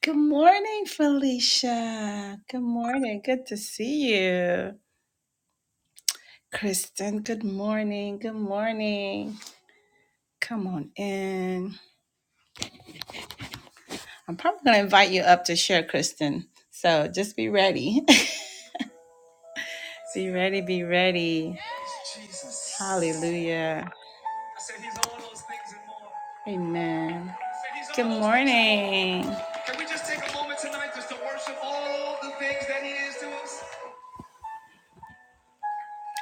Good morning, Felicia. Good morning. Good to see you. Kristen, good morning. Good morning. Come on in. I'm probably going to invite you up to share, Kristen. So just be ready. be ready. Be ready. Jesus. Hallelujah. I said he's all those things and more. Amen. I said he's all Good those morning. things and more. morning. Can we just take a moment tonight just to worship all the things that he is to us?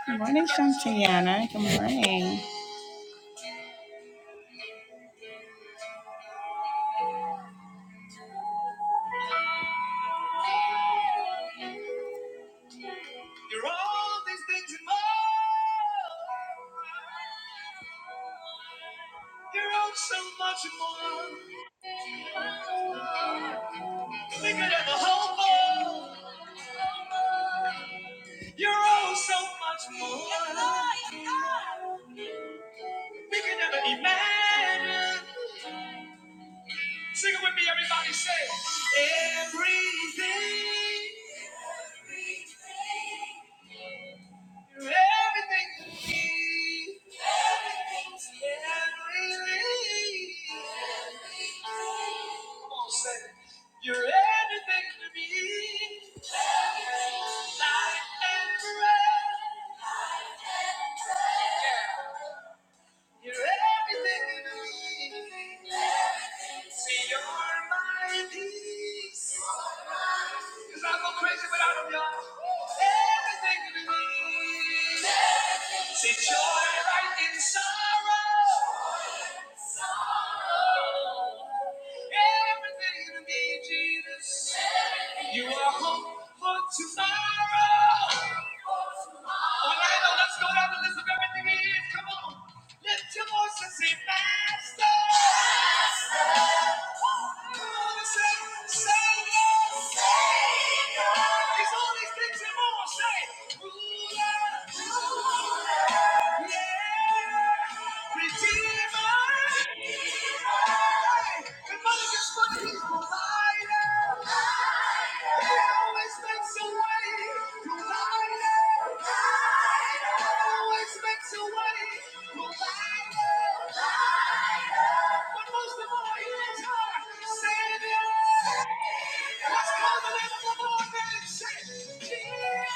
Good morning, Shantiana. Good morning. You're all these things and more. You're all so much more. Bigger than the whole world. You're all so much more. We can never imagine. Sing it with me, everybody. Say everything. Everything. You're everything to me. Everything to me. Everything. Come on, say it. You're everything to me. Life and breath. Life and breath. Yeah. You're everything to me. See, you're my peace. Cause I go crazy without 'em, y'all. Everything to me. See joy right in sorrow. Sorrow. Everything to me, Jesus. You are hope for tomorrow. Orlando, let's go down the list of everything he is. Come on. Lift your voice and say, Master. Come on and say, Savior. Savior. He's all these things and more. Say, Ruler. Savior, let's call the name of the Lord and say, Jesus.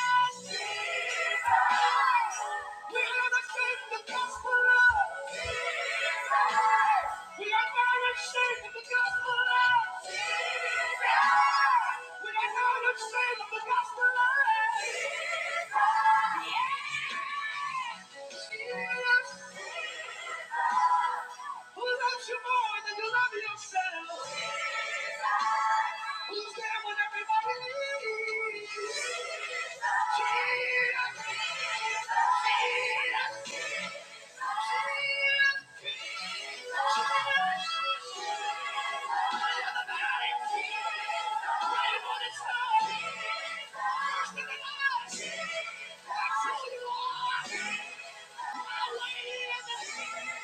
Who loves you more than you love yourself? Who Who's there when everybody needs? Jesus, Jesus,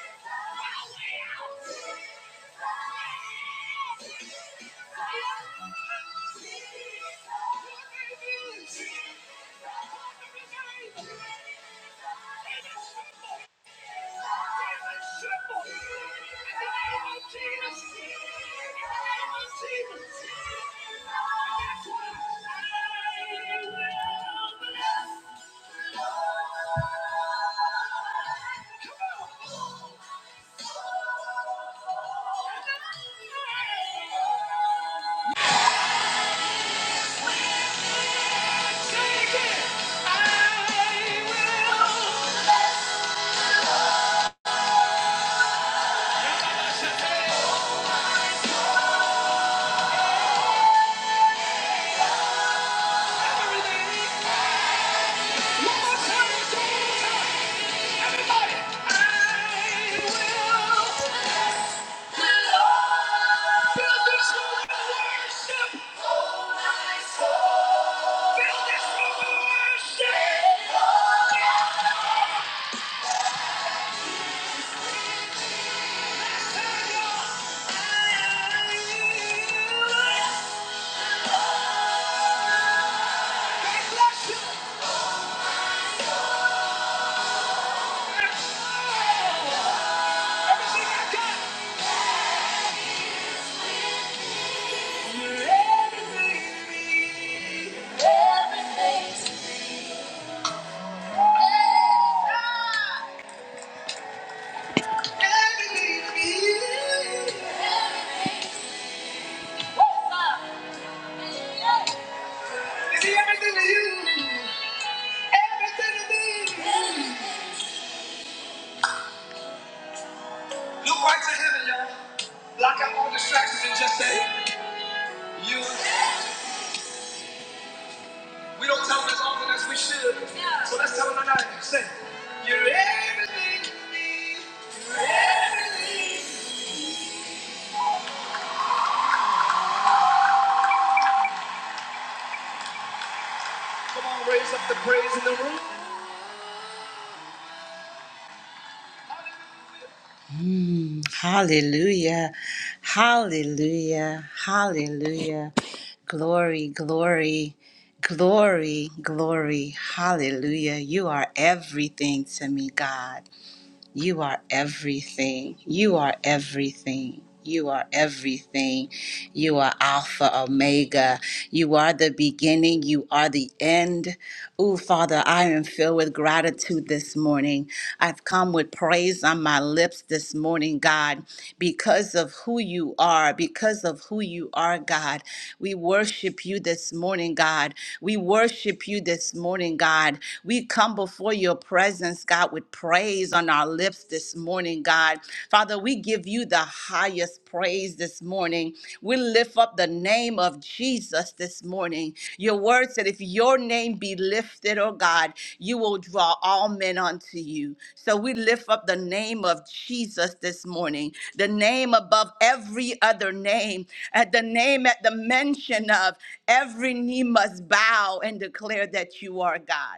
Jesus. Jesus, Take it. I will. Yeah. Is he everything to you? Everything to me. Look right to heaven, y'all. Block out all distractions and just say, You. We don't tell them as often as we should. Yeah. So let's tell them tonight. Say, You're everything to me. You're everything. Come on, raise up the praise in the room. Hallelujah. Hallelujah. Hallelujah. Glory, glory, glory, glory. Hallelujah. You are everything to me, God. You are everything. You are everything. You are everything. You are Alpha, Omega. You are the beginning. You are the end. Oh, Father, I am filled with gratitude this morning. I've come with praise on my lips this morning, God, because of who you are, because of who you are, God. We worship you this morning, God. We worship you this morning, God. We come before your presence presence, God, with praise on our lips this morning, God. Father, we give you the highest praise this morning. We lift up the name of Jesus this morning. Your word said, if your name be lifted, oh God, you will draw all men unto you. So we lift up the name of Jesus this morning, the name above every other name, at the name at the mention of every knee must bow and declare that you are God.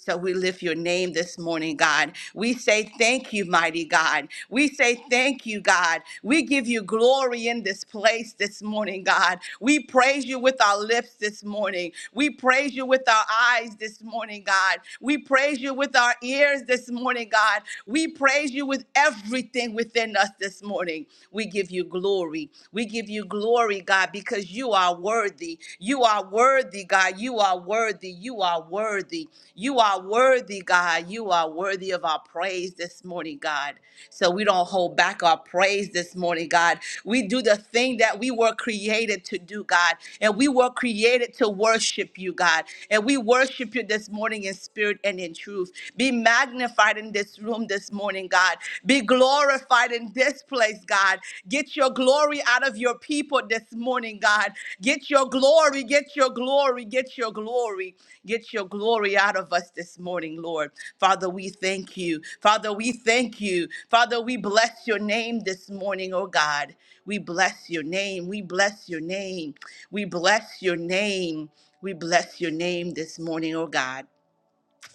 So we lift your name this morning, God. We say thank you, mighty God. We say thank you, God. We give you glory in this place this morning, God. We praise you with our lips this morning. We praise you with our eyes this morning, God. We praise you with our ears this morning, God. We praise you with everything within us this morning. We give you glory. We give you glory, God, because you you are worthy. You are worthy, God. You are worthy. You are worthy. You are worthy, God. You are worthy of our praise this morning, God. So we don't hold back our praise this morning, God. We do the thing that we were created to do, God. And we were created to worship you, God. And we worship you this morning in spirit and in truth. Be magnified in this room this morning, God. Be glorified glorified in this place, God. Get your glory out of your people this morning, God. Get your glory, get your glory, get your glory, get your glory out of us this morning, Lord. Father, we thank you. Father, we thank you. Father, we bless your name this morning, oh God. We bless your name. We bless your name. We bless your name. We bless your name this morning, oh God.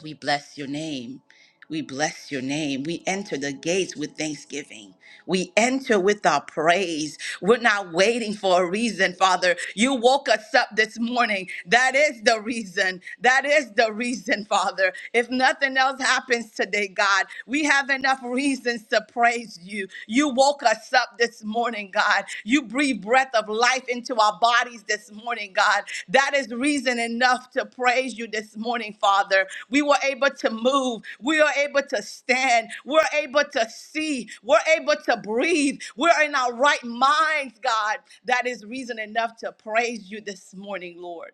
We bless your name. We bless your name. We enter the gates with thanksgiving. We enter with our praise. We're not waiting for a reason, Father. You woke us up this morning. That is the reason. That is the reason, Father. If nothing else happens today, God, we have enough reasons to praise you. You woke us up this morning morning, God. You breathe breath of life into our bodies this morning, God. That is reason enough to praise you this morning, Father. We were able to move. We are able to stand. We're able to see. We're able to breathe. We're in our right minds, God. That is reason enough to praise you this morning, Lord.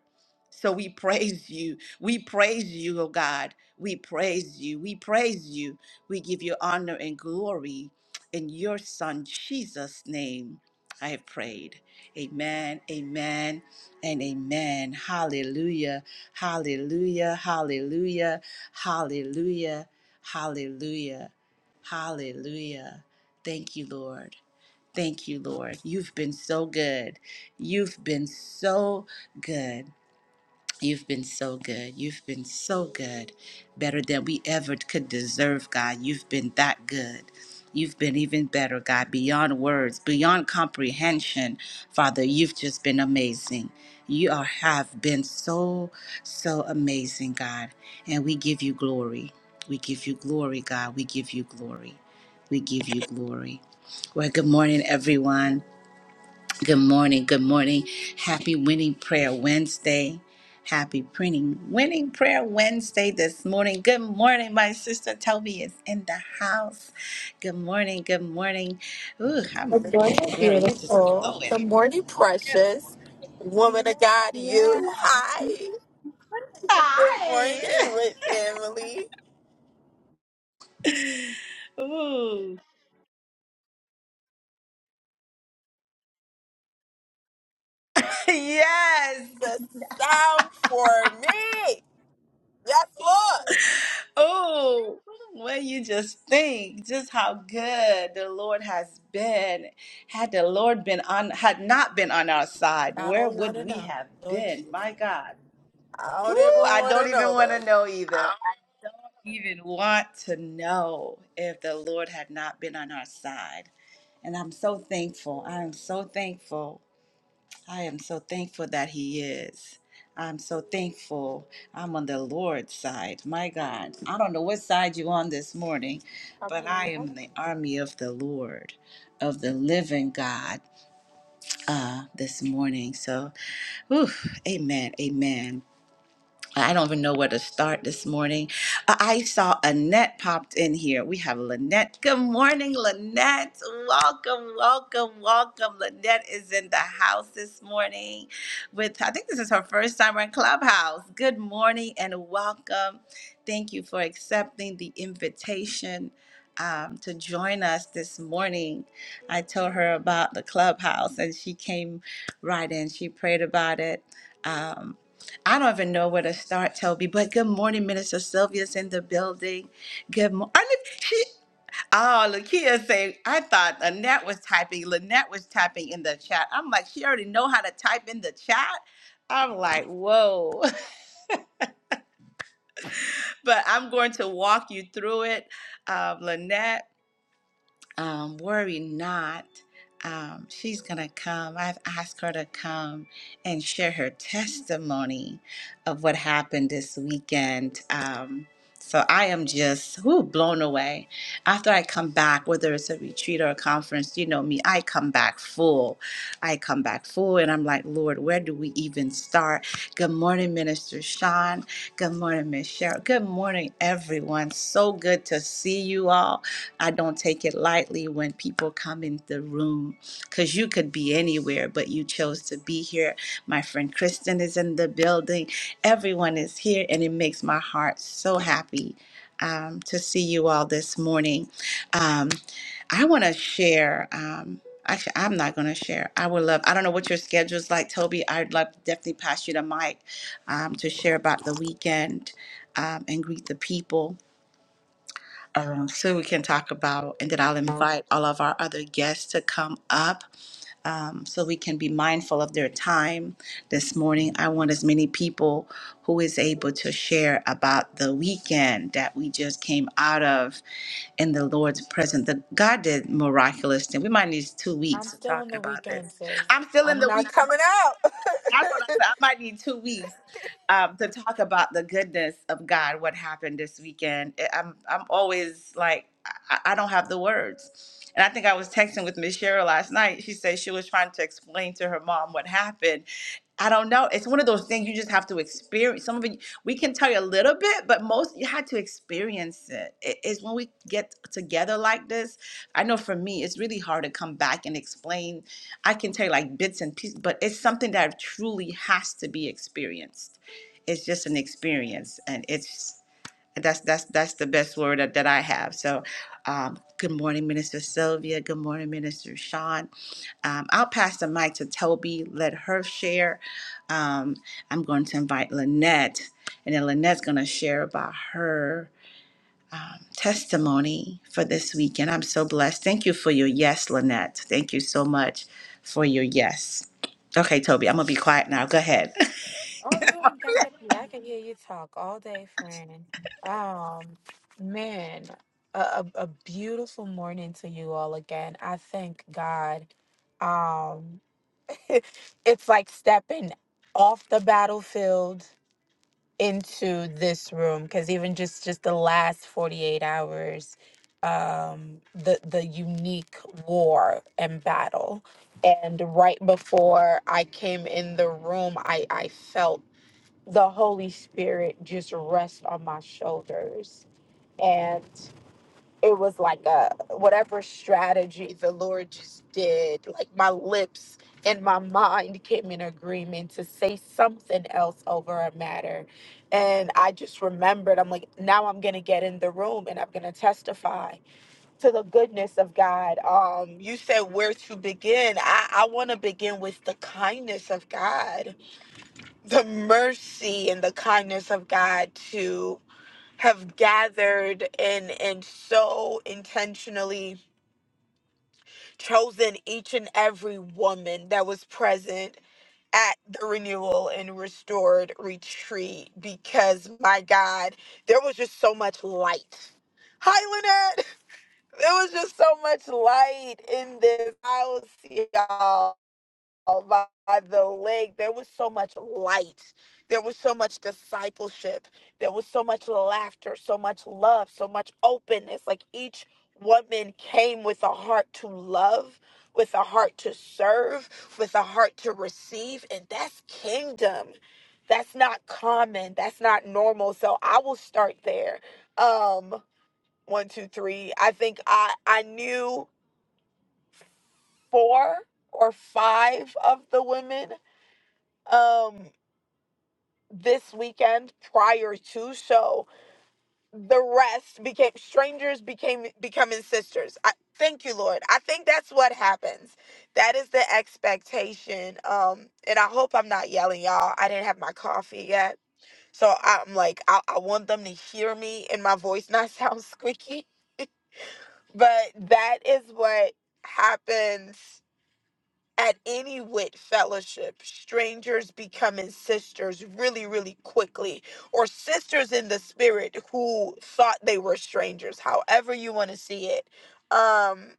So we praise you. We praise you, oh God. We praise you. We praise you. We give you honor and glory in your Son Jesus' name, I have prayed. Amen, amen, and amen. Hallelujah, hallelujah, hallelujah, hallelujah, hallelujah, hallelujah. Thank you, Lord. Thank you, Lord. You've been so good. You've been so good. You've been so good. You've been so good. Better than we ever could deserve, God. You've been that good. You've been even better, God, beyond words, beyond comprehension. Father, you've just been amazing. You are, have been so, so amazing, God. And we give you glory. We give you glory, God. We give you glory. We give you glory. Well, good morning, everyone. Good morning. Good morning. Happy Winning Prayer Wednesday. Happy printing Winning Prayer Wednesday this morning. Good morning. My sister Toby is in the house. Good morning. Good morning. Ooh, I'm Good morning, girl, you just beautiful. glowing. Good morning, precious. Woman of God, Yeah. you. Hi. Good morning, Hi. with family. Ooh. Yes. The sound for me. Yes, Lord. Oh, well, you just think just how good the Lord has been. Had the Lord been on, had not been on our side, I where don't want would to we know, have Lord. been? My God. I don't even Ooh, I want to don't even know, want to Lord. know either. I don't even want to know if the Lord had not been on our side. And I'm so thankful. I am so thankful. I am so thankful that He is. I'm so thankful I'm on the Lord's side. My God, I don't know what side you're on this morning, Come but I on. am in the army of the Lord, of the living God uh, this morning. So, whew, amen, amen. I don't even know where to start this morning. Uh, I saw Annette popped in here. We have Lynette. Good morning, Lynette. Welcome, welcome, welcome. Lynette is in the house this morning with, I think this is her first time on Clubhouse. Good morning and welcome. Thank you for accepting the invitation um, to join us this morning. I told her about the Clubhouse and she came right in. She prayed about it. Um, I don't even know where to start, Toby. But good morning, Minister Sylvia's in the building. Good morning. She, oh, Lakia say I thought Annette was typing. Lynette was typing in the chat. I'm like, she already know how to type in the chat. I'm like, whoa. But I'm going to walk you through it, um, Lynette. um, worry not. Um, she's going to come. I've asked her to come and share her testimony of what happened this weekend. Um, so I am just whoo, blown away. After I come back, whether it's a retreat or a conference, you know me, I come back full. I come back full and I'm like, Lord, where do we even start? Good morning, Minister Sean. Good morning, Miss Cheryl. Good morning, everyone. So good to see you all. I don't take it lightly when people come in the room because you could be anywhere, but you chose to be here. My friend Kristen is in the building. Everyone is here, and it makes my heart so happy um, to see you all this morning. Um, I want to share. Um, actually, I'm not going to share. I would love. I don't know what your schedule is like, Toby. I'd love to definitely pass you the mic um, to share about the weekend um, and greet the people, um, so we can talk about. And then I'll invite all of our other guests to come up, um, so we can be mindful of their time this morning. I want as many people who is able to share about the weekend that we just came out of in the Lord's presence. The, God did miraculous things. We might need two I'm weeks of still in talking the about weekend, this. sis. I'm still in I'm the not weekend. coming out. That's what I said. I might need two weeks um, to talk about the goodness of God. What happened this weekend? I- I'm I'm always like I, I don't have the words. And I think I was texting with Miss Cheryl last night. She said she was trying to explain to her mom what happened, I don't know. It's one of those things you just have to experience. Some of it we can tell you a little bit, but most you had to experience it. It is when we get together like this. I know for me, it's really hard to come back and explain. I can tell you like bits and pieces, but it's something that truly has to be experienced. It's just an experience, and it's that's that's that's the best word that, that I have. So, um, good morning, Minister Sylvia. Good morning, Minister Sean. Um, I'll pass the mic to Toby. Let her share. Um, I'm going to invite Lynette, and then Lynette's going to share about her testimony for this weekend. I'm so blessed. Thank you for your yes, Lynette. Thank you so much for your yes. Okay, Toby, I'm gonna be quiet now. Go ahead. Oh, you ain't got it. Yeah, I can hear you talk all day, friend. Um, man, a, a, a beautiful morning to you all again. I thank God. Um, it's like stepping off the battlefield into this room because even just just the last 48 hours um the the unique war and battle and right before i came in the room i i felt the Holy Spirit just rest on my shoulders. And it was like a whatever strategy the Lord just did, like my lips and my mind came in agreement to say something else over a matter. And I just remembered, I'm like, now I'm gonna get in the room and I'm gonna testify to the goodness of God. Um, you said where to begin. I, I wanna begin with the kindness of God the mercy and the kindness of God to have gathered and and so intentionally chosen each and every woman that was present at the renewal and restored retreat because my God, there was just so much light. Hi Lynette! There was just so much light in this house, y'all out by the lake. There was so much light. There was so much discipleship. There was so much laughter, so much love, so much openness. Like each woman came with a heart to love, with a heart to serve, with a heart to receive. And that's kingdom. That's not common. That's not normal. So I will start there. Um, one, two, three. I think I I knew four or five of the women um this weekend prior to so the rest became strangers became becoming sisters i thank you lord i think that's what happens that is the expectation um and i hope i'm not yelling y'all i didn't have my coffee yet so i'm like i, I want them to hear me and my voice not sound squeaky but that is what happens at any wit fellowship, strangers becoming sisters really, really quickly, or sisters in the spirit who thought they were strangers, however you want to see it. Um,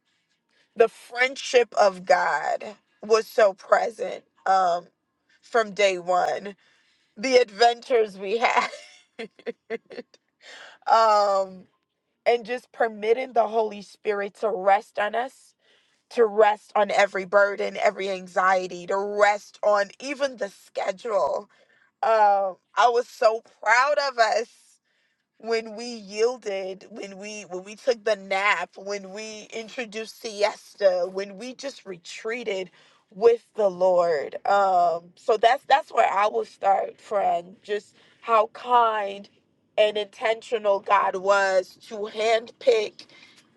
the friendship of God was so present um, from day one. The adventures we had, um, and just permitting the Holy Spirit to rest on us to rest on every burden, every anxiety, to rest on even the schedule. Um, I was so proud of us when we yielded when we when we took the nap when we introduced siesta when we just retreated with the lord um so that's that's where i will start friend just how kind and intentional god was to handpick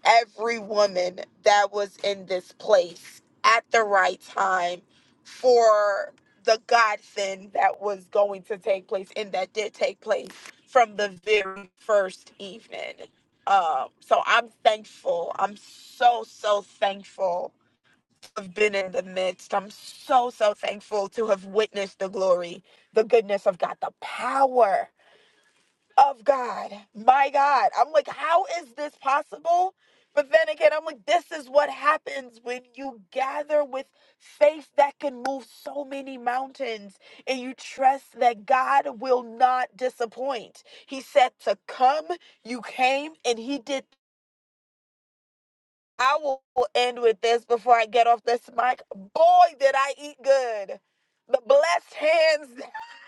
every woman that was in this place at the right time for the God thing that was going to take place and that did take place from the very first evening. Um, so I'm thankful. I'm so, so thankful to have been in the midst. I'm so, so thankful to have witnessed the glory, the goodness of God, the power of God. My God. I'm like, how is this possible? But then again, I'm like, this is what happens when you gather with faith that can move so many mountains and you trust that God will not disappoint. He said to come, you came, and He did. I will end with this before I get off this mic. Boy, did I eat good. The blessed hands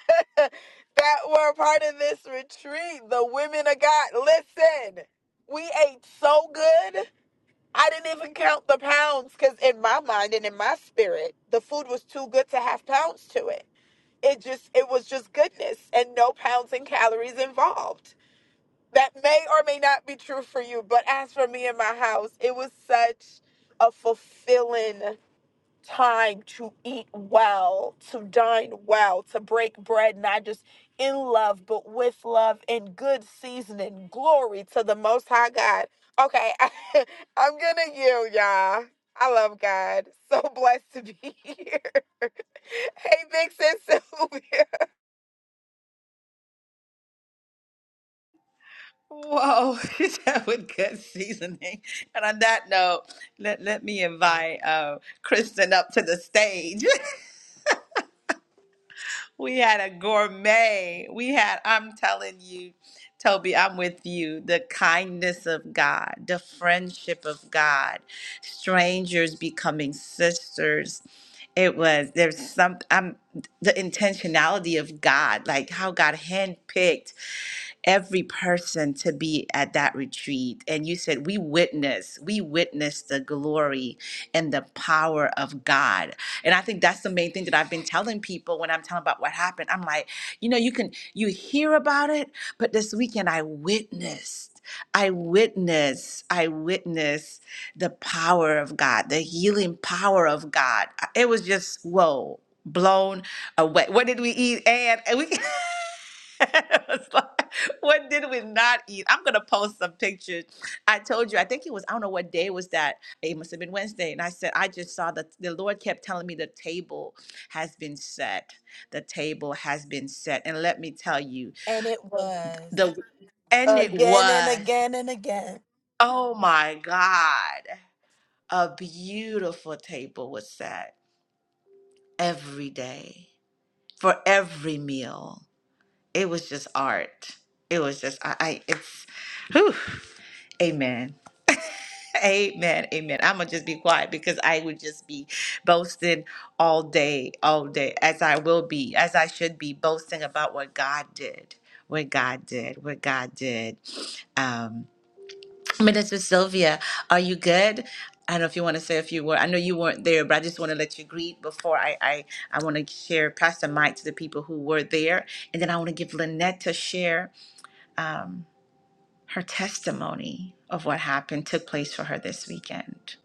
that were a part of this retreat. The women of God. Listen, we ate so good. I didn't even count the pounds because in my mind and in my spirit, the food was too good to have pounds to it. It just it was just goodness and no pounds and calories involved. That may or may not be true for you, but as for me and my house, it was such a fulfilling time to eat well, to dine well, to break bread, not just in love, but with love and good seasoning. Glory to the Most High God. Okay, I, I'm gonna yield, y'all. I love God. So blessed to be here. hey, Big Sis Sylvia. Whoa, that was good seasoning. And on that note, let, let me invite uh, Kristen up to the stage. We had a gourmet. We had, I'm telling you, Toby, I'm with you. The kindness of God, the friendship of God, strangers becoming sisters. It was, there's some, I'm, the intentionality of God, like how God handpicked every person to be at that retreat. And you said, We witness, we witness the glory and the power of God. And I think that's the main thing that I've been telling people when I'm telling about what happened. I'm like, you know, you can, you hear about it, but this weekend I witnessed. I witnessed, I witnessed the power of God, the healing power of God. It was just, whoa, blown away. What did we eat? And and we I was like, what did we not eat? I'm gonna post some pictures. I told you, I think it was, I don't know what day was that. It must have been Wednesday. And I said, I just saw that the Lord kept telling me the table has been set. The table has been set. And let me tell you, And it was. the and it Again and was, again and again. oh my God, a beautiful table was set every day for every meal. It was just art. It was just I, I it's whew. Amen. Amen. Amen. I'm going to just be quiet because I would just be boasting all day, all day, as I will be, as I should be, boasting about what God did, what God did, what God did. Um, Minister Sylvia, are you good? I don't know if you want to say a few words. I know you weren't there, but I just want to let you greet before I I, I want to share Pastor Mike to the people who were there, and then I want to give Lynette to share. um, her testimony of what happened took place for her this weekend.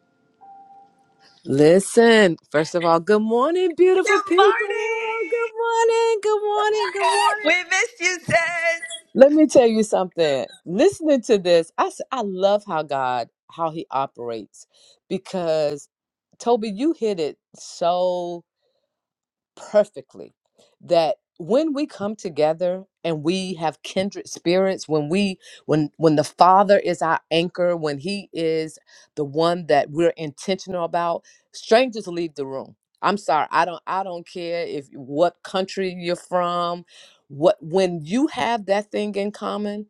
Listen, first of all, good morning, Good beautiful people. Good morning. morning, good morning, good morning. We missed you, sis. Let me tell you something. Listening to this, I s- I love how God how he operates because Toby, you hit it so perfectly that when we come together and we have kindred spirits when we when when the father is our anchor when he is the one that we're intentional about strangers leave the room i'm sorry i don't i don't care if what country you're from what when you have that thing in common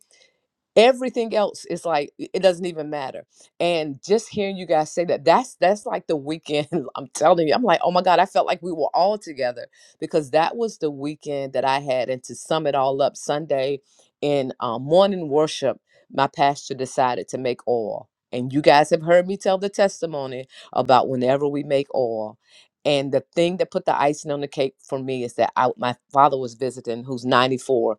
everything else is like i- it doesn't even matter and just hearing you guys say that that's that's like the weekend i'm telling you i'm like oh my god i felt like we were all together because that was the weekend that i had and to sum it all up sunday in um, morning worship my pastor decided to make oil and you guys have heard me tell the testimony about whenever we make oil and the thing that put the icing on the cake for me is that I, my father was visiting who's 94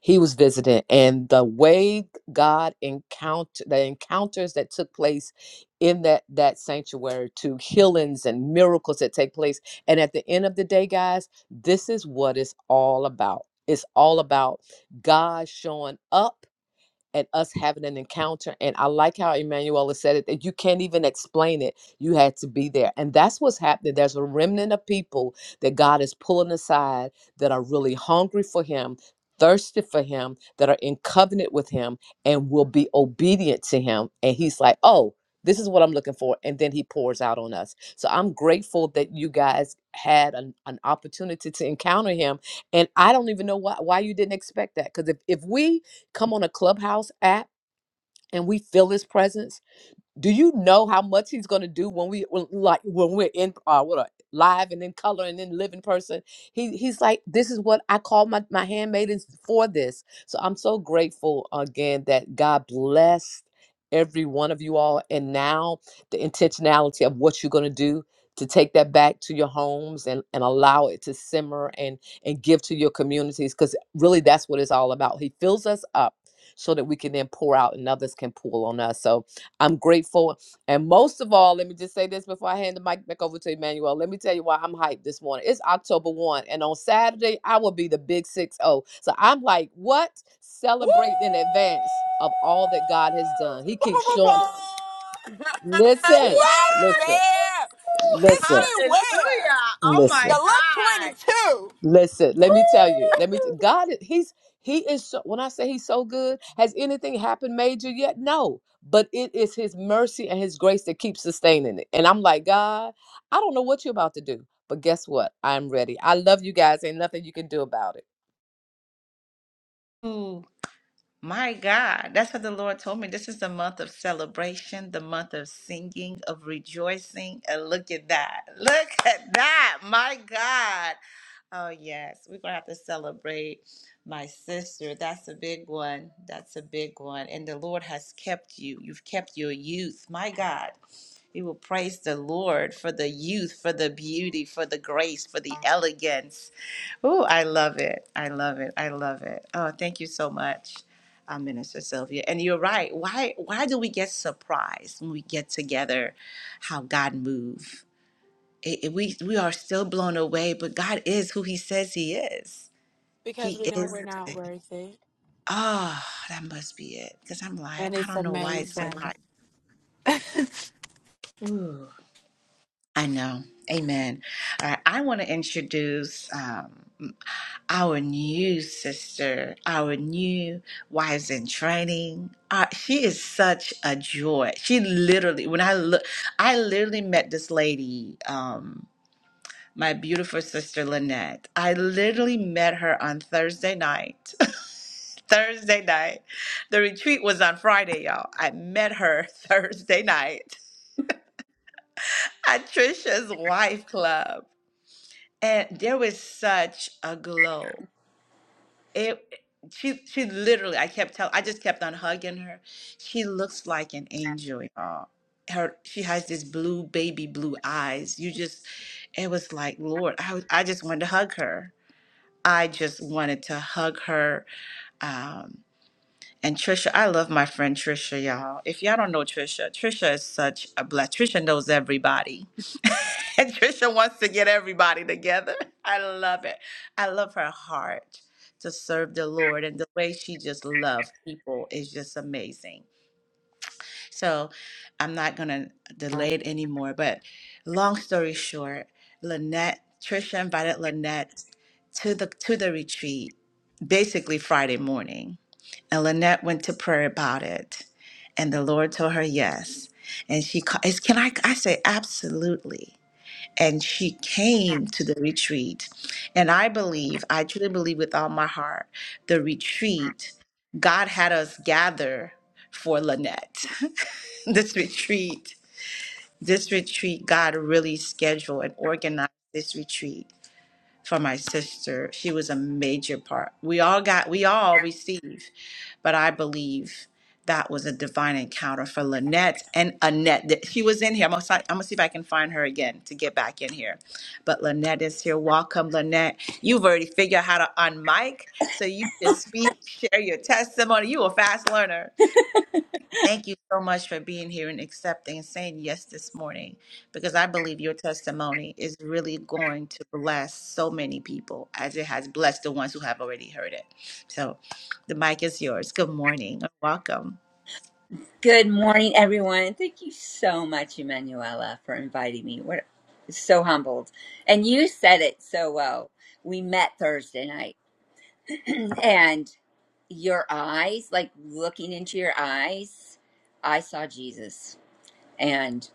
he was visiting and the way god encounter the encounters that took place in that that sanctuary to healings and miracles that take place and at the end of the day guys this is what it's all about it's all about god showing up and us having an encounter. And I like how Emanuela said it that you can't even explain it. You had to be there. And that's what's happening. There's a remnant of people that God is pulling aside that are really hungry for Him, thirsty for Him, that are in covenant with Him and will be obedient to Him. And He's like, oh, this is what I'm looking for. And then he pours out on us. So I'm grateful that you guys had an, an opportunity to encounter him. And I don't even know why, why you didn't expect that. Because if, if we come on a clubhouse app and we feel his presence do you know how much he's going to do when we when, like when we're in uh what a live and in color and in live in person he he's like this is what i call my my handmaidens for this so i'm so grateful again that god blessed every one of you all and now the intentionality of what you're going to do to take that back to your homes and, and allow it to simmer and and give to your communities because really that's what it's all about he fills us up so that we can then pour out and others can pull on us so I'm grateful. And most of all, let me just say this before I hand the mic back over to Emmanuel. Let me tell you why I'm hyped this morning. It's October 1, and on Saturday, I will be the big six zero. So I'm like, what? Woo! Celebrate in advance of all that God has done. He Boom, boom, keeps boom, showing. boom. Listen, yes, What? listen, ma'am. Ooh, 60 listen, hallelujah. where? Oh listen. my You look God. 22. Listen, let me tell you. Let me. T- God, is- he's he is. So, when I say he's so good, has anything happened major yet? No, but it is His mercy and His grace that keeps sustaining it. And I'm like, God, I don't know what you're about to do, but guess what? I'm ready. I love you guys. Ain't nothing you can do about it. Ooh, my God. That's what the Lord told me. This is the month of celebration, the month of singing, of rejoicing. And look at that. Look at that. My God. Oh, yes. We're going to have to celebrate my sister. That's a big one. That's a big one. And the Lord has kept you. You've kept your youth. My God, we will praise the Lord for the youth, for the beauty, for the grace, for the elegance. Oh, I love it. I love it. I love it. Oh, thank you so much. uh, Minister Sylvia, and you're right. Why why do we get surprised when we get together? How God moves. It, it- we we are still blown away, but God is who He says He is Because he we know is we're the not same. worth it. Ah, that must be it. Because I'm like, And I it's don't know why it's amazing. surprising. Ooh. I know. Amen. All right. I want to introduce um, our new sister, our new wives in training. Uh, she is such a joy. She literally, when I look, I literally met this lady, um, my beautiful sister Lynette. I literally met her on Thursday night. Thursday night. The retreat was on Friday, y'all. I met her Thursday night at Trisha's Wife Club. And there was such a glow. It she she literally I kept telling I just kept on hugging her. She looks like an angel, y'all. Her she has this blue baby blue eyes. You just it was like, Lord, I was- I just wanted to hug her. I just wanted to hug her um, And Trisha, I love my friend Trisha, y'all. If y'all don't know Trisha, Trisha is such a bless. Trisha knows everybody. And Trisha wants to get everybody together. I love it. I love her heart to serve the Lord. And the way she just loves people is just amazing. So I'm not going to delay it anymore. But long story short, Lynette, Trisha invited Lynette to the to the retreat basically Friday morning. And Lynette went to prayer about it. And the Lord told her yes. And she ca- is can I I say absolutely. And she came to the retreat. And I believe, I truly believe with all my heart, the retreat, God had us gather for Lynette. this retreat, this retreat, God really scheduled and organized this retreat for my sister. She was a major part. We all got, we all received. But I believe that was a divine encounter for Lynette and Annette. Th- She was in here. I'm gonna, si- I'm gonna see if I can find her again to get back in here. But Lynette is here. Welcome, Lynette. You've already figured out how to unmic, so you just speak, share your testimony. You a fast learner. Thank you so much for being here and accepting and saying yes this morning, because I believe your testimony is really going to bless so many people as it has blessed the ones who have already heard it. So the mic is yours. Good morning. Welcome. Good morning, everyone. Thank you so much, Emanuela, for inviting me. We're so humbled. And you said it so well. We met Thursday night, and your eyes, like looking into your eyes, I saw Jesus. And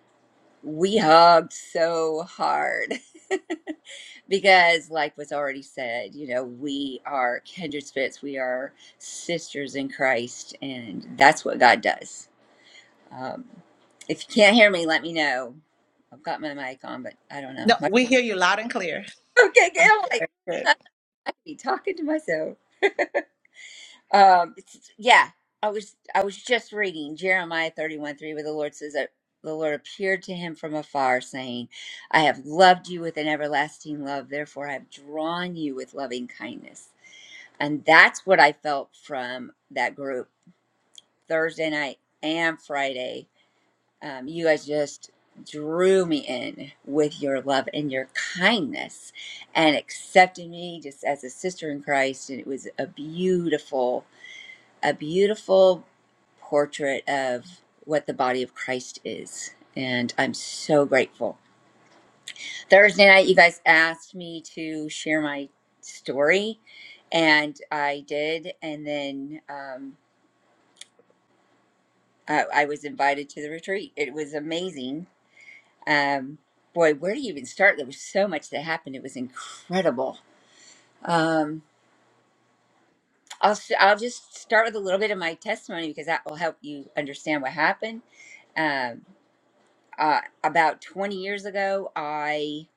we hugged so hard because, like was already said, you know, we are kindred spirits, we are sisters in Christ, and that's what God does Um, if you can't hear me, let me know. I've got my mic on, but I don't know. No, My, we hear you loud and clear. okay, okay, I'm like I be talking to myself. Um, it's, yeah, I was I was just reading Jeremiah thirty one three, where the Lord says that the Lord appeared to him from afar, saying, "I have loved you with an everlasting love; therefore I have drawn you with loving kindness." And that's what I felt from that group Thursday night and Friday Um, you guys just drew me in with your love and your kindness and accepted me just as a sister in Christ. And it was a beautiful, a beautiful portrait of what the body of Christ is. And I'm so grateful. Thursday night, you guys asked me to share my story, and I did. And then um, I, I was invited to the retreat. It was amazing Um, boy, where do you even start? There was so much that happened. It was incredible. Um, I'll s- I'll just start with a little bit of my testimony because that will help you understand what happened. Um, uh, about 20 years ago, I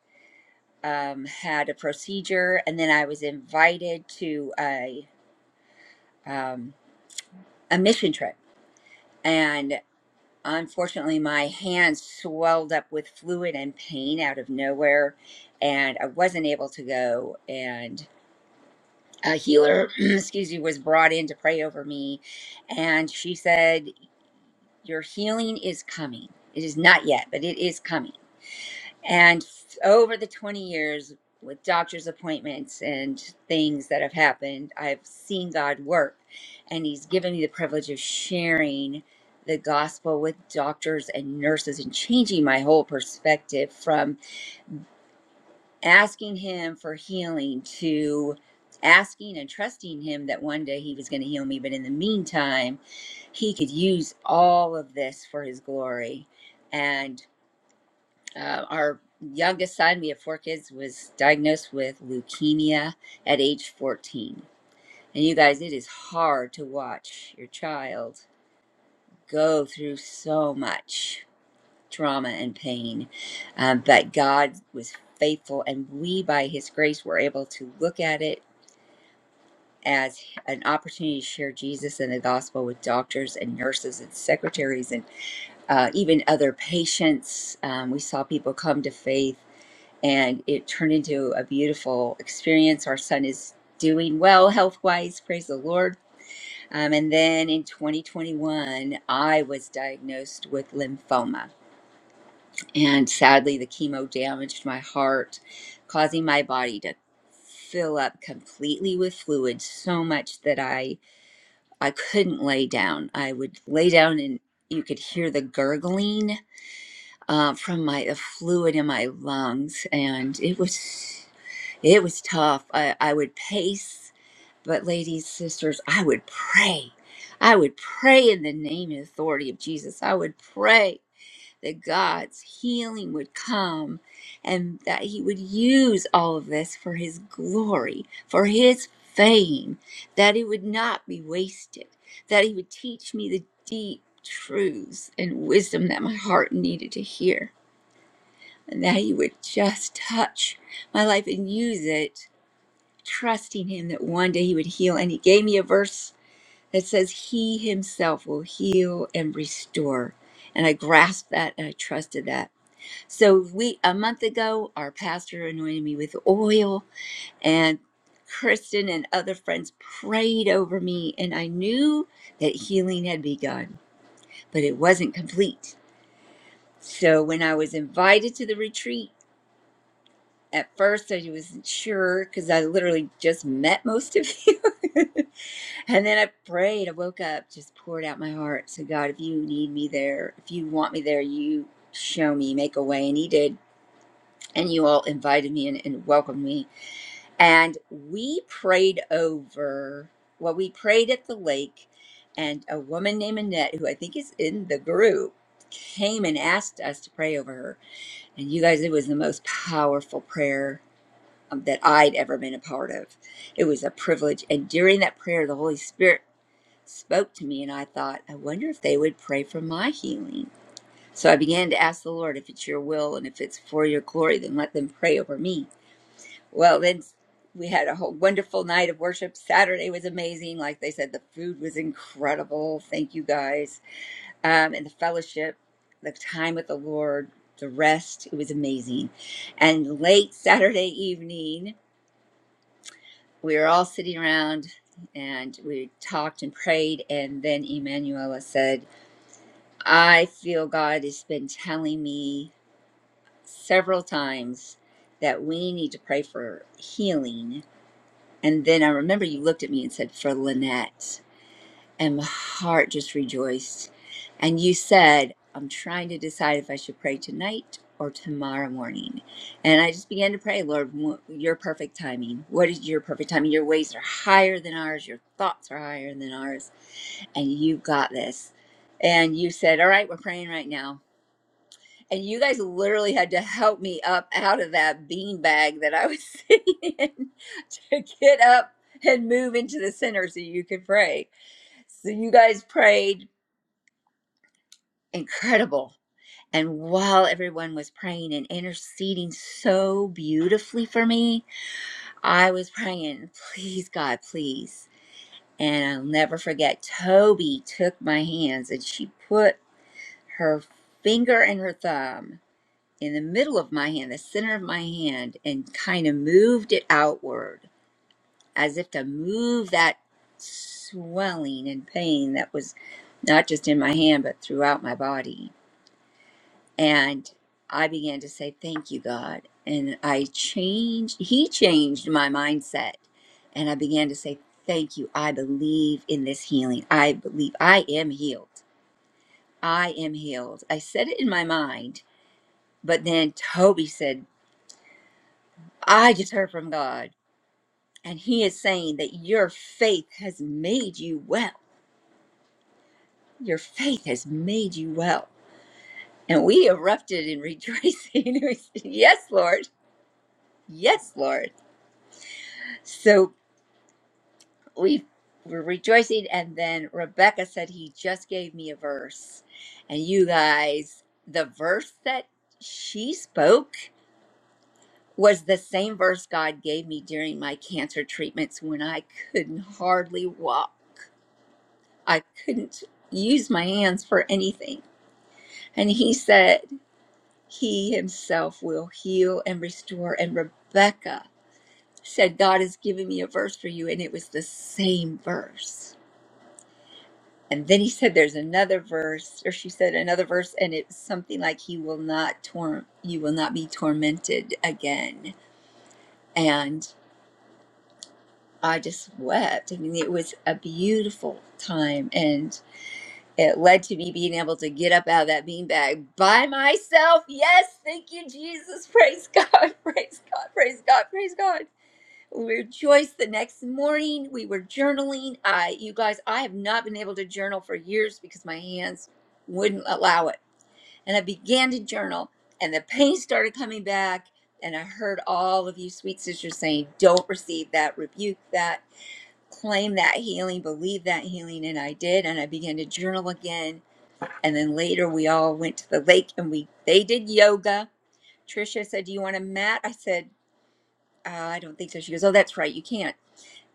um, had a procedure, and then I was invited to a um, a mission trip, and unfortunately, my hands swelled up with fluid and pain out of nowhere, and I wasn't able to go. And a healer, excuse me, was brought in to pray over me. And she said, Your healing is coming. It is not yet, but it is coming. And f- over the 20 years with doctor's appointments and things that have happened, I've seen God work. And He's given me the privilege of sharing the gospel with doctors and nurses and changing my whole perspective from asking him for healing to asking and trusting him that one day he was going to heal me but in the meantime he could use all of this for his glory and uh, our youngest son we have four kids was diagnosed with leukemia at age 14 and you guys it is hard to watch your child go through so much trauma and pain. Um, but God was faithful, and we, by His grace, were able to look at it as an opportunity to share Jesus and the gospel with doctors and nurses and secretaries and uh, even other patients. Um, we saw people come to faith, and it turned into a beautiful experience. Our son is doing well health wise, praise the Lord. Um, and then in 2021, I was diagnosed with lymphoma And sadly, the chemo damaged my heart, causing my body to fill up completely with fluid so much that I I couldn't lay down. I would lay down and you could hear the gurgling uh, from my the fluid in my lungs, and it was it was tough. I, I would pace, but ladies, sisters, I would pray. I would pray in the name and authority of Jesus. I would pray that God's healing would come and that he would use all of this for his glory, for his fame, that it would not be wasted, that he would teach me the deep truths and wisdom that my heart needed to hear, and that he would just touch my life and use it, trusting him that one day he would heal. And he gave me a verse that says, He himself will heal and restore. And I grasped that and I trusted that so we a month ago, our pastor anointed me with oil, and Kristen and other friends prayed over me, and I knew that healing had begun, but it wasn't complete. So when I was invited to the retreat, at first I wasn't sure because I literally just met most of you. and then I prayed, I woke up, just poured out my heart. So God, if you need me there, if you want me there, you show me, make a way. And he did. And you all invited me and, and welcomed me and we prayed over well we prayed at the lake and a woman named annette who i think is in the group came and asked us to pray over her and you guys it was the most powerful prayer um, that i'd ever been a part of it was a privilege and during that prayer the holy spirit spoke to me and i thought i wonder if they would pray for my healing so i began to ask the lord if it's your will and if it's for your glory then let them pray over me well, then we had a whole wonderful night of worship. Saturday was amazing. Like they said, the food was incredible. Thank you guys. Um, and the fellowship, the time with the Lord, the rest, it was amazing. And late Saturday evening, we were all sitting around and we talked and prayed. And then Emanuela said, I feel God has been telling me several times that we need to pray for healing And then I remember you looked at me and said, For Lynette. And my heart just rejoiced. And you said, I'm trying to decide if I should pray tonight or tomorrow morning. And I just began to pray, Lord, wh- your perfect timing. What is your perfect timing? Your ways are higher than ours, your thoughts are higher than ours. And you got this. And you said, All right, we're praying right now and you guys literally had to help me up out of that bean bag that I was sitting in to get up and move into the center so you could pray. So you guys prayed incredible. And while everyone was praying and interceding so beautifully for me, I was praying, please, God, please. And I'll never forget, Toby took my hands and she put her finger and her thumb in the middle of my hand, the center of my hand, and kind of moved it outward as if to move that swelling and pain that was not just in my hand, but throughout my body. And I began to say, Thank you, God. And I changed, He changed my mindset. And I began to say, Thank you. I believe in this healing. I believe I am healed. I am healed. I said it in my mind, but then Toby said, I just heard from God, and He is saying that your faith has made you well. Your faith has made you well. And we erupted in rejoicing. We said, yes, Lord. Yes, Lord. So we were rejoicing. And then Rebecca said, He just gave me a verse. And you guys, the verse that she spoke was the same verse God gave me during my cancer treatments when I couldn't hardly walk. I couldn't use my hands for anything. And he said, He himself will heal and restore. And Rebecca said, God has given me a verse for you. And it was the same verse. And then he said, There's another verse, or she said another verse, and it's something like, He will not tor, you will not be tormented again. And I just wept. I mean, it was a beautiful time. and. it led to me being able to get up out of that beanbag by myself. Yes, thank you, Jesus. Praise God. Praise God. Praise God. Praise God. We rejoiced the next morning. We were journaling. I, you guys, I have not been able to journal for years because my hands wouldn't allow it. And I began to journal, and the pain started coming back. And I heard all of you sweet sisters saying, Don't receive that, rebuke that, claim that healing, believe that healing. And I did. And I began to journal again and then later we all went to the lake and we they did yoga Tricia said do you want a mat i said uh, i don't think so she goes oh that's right you can't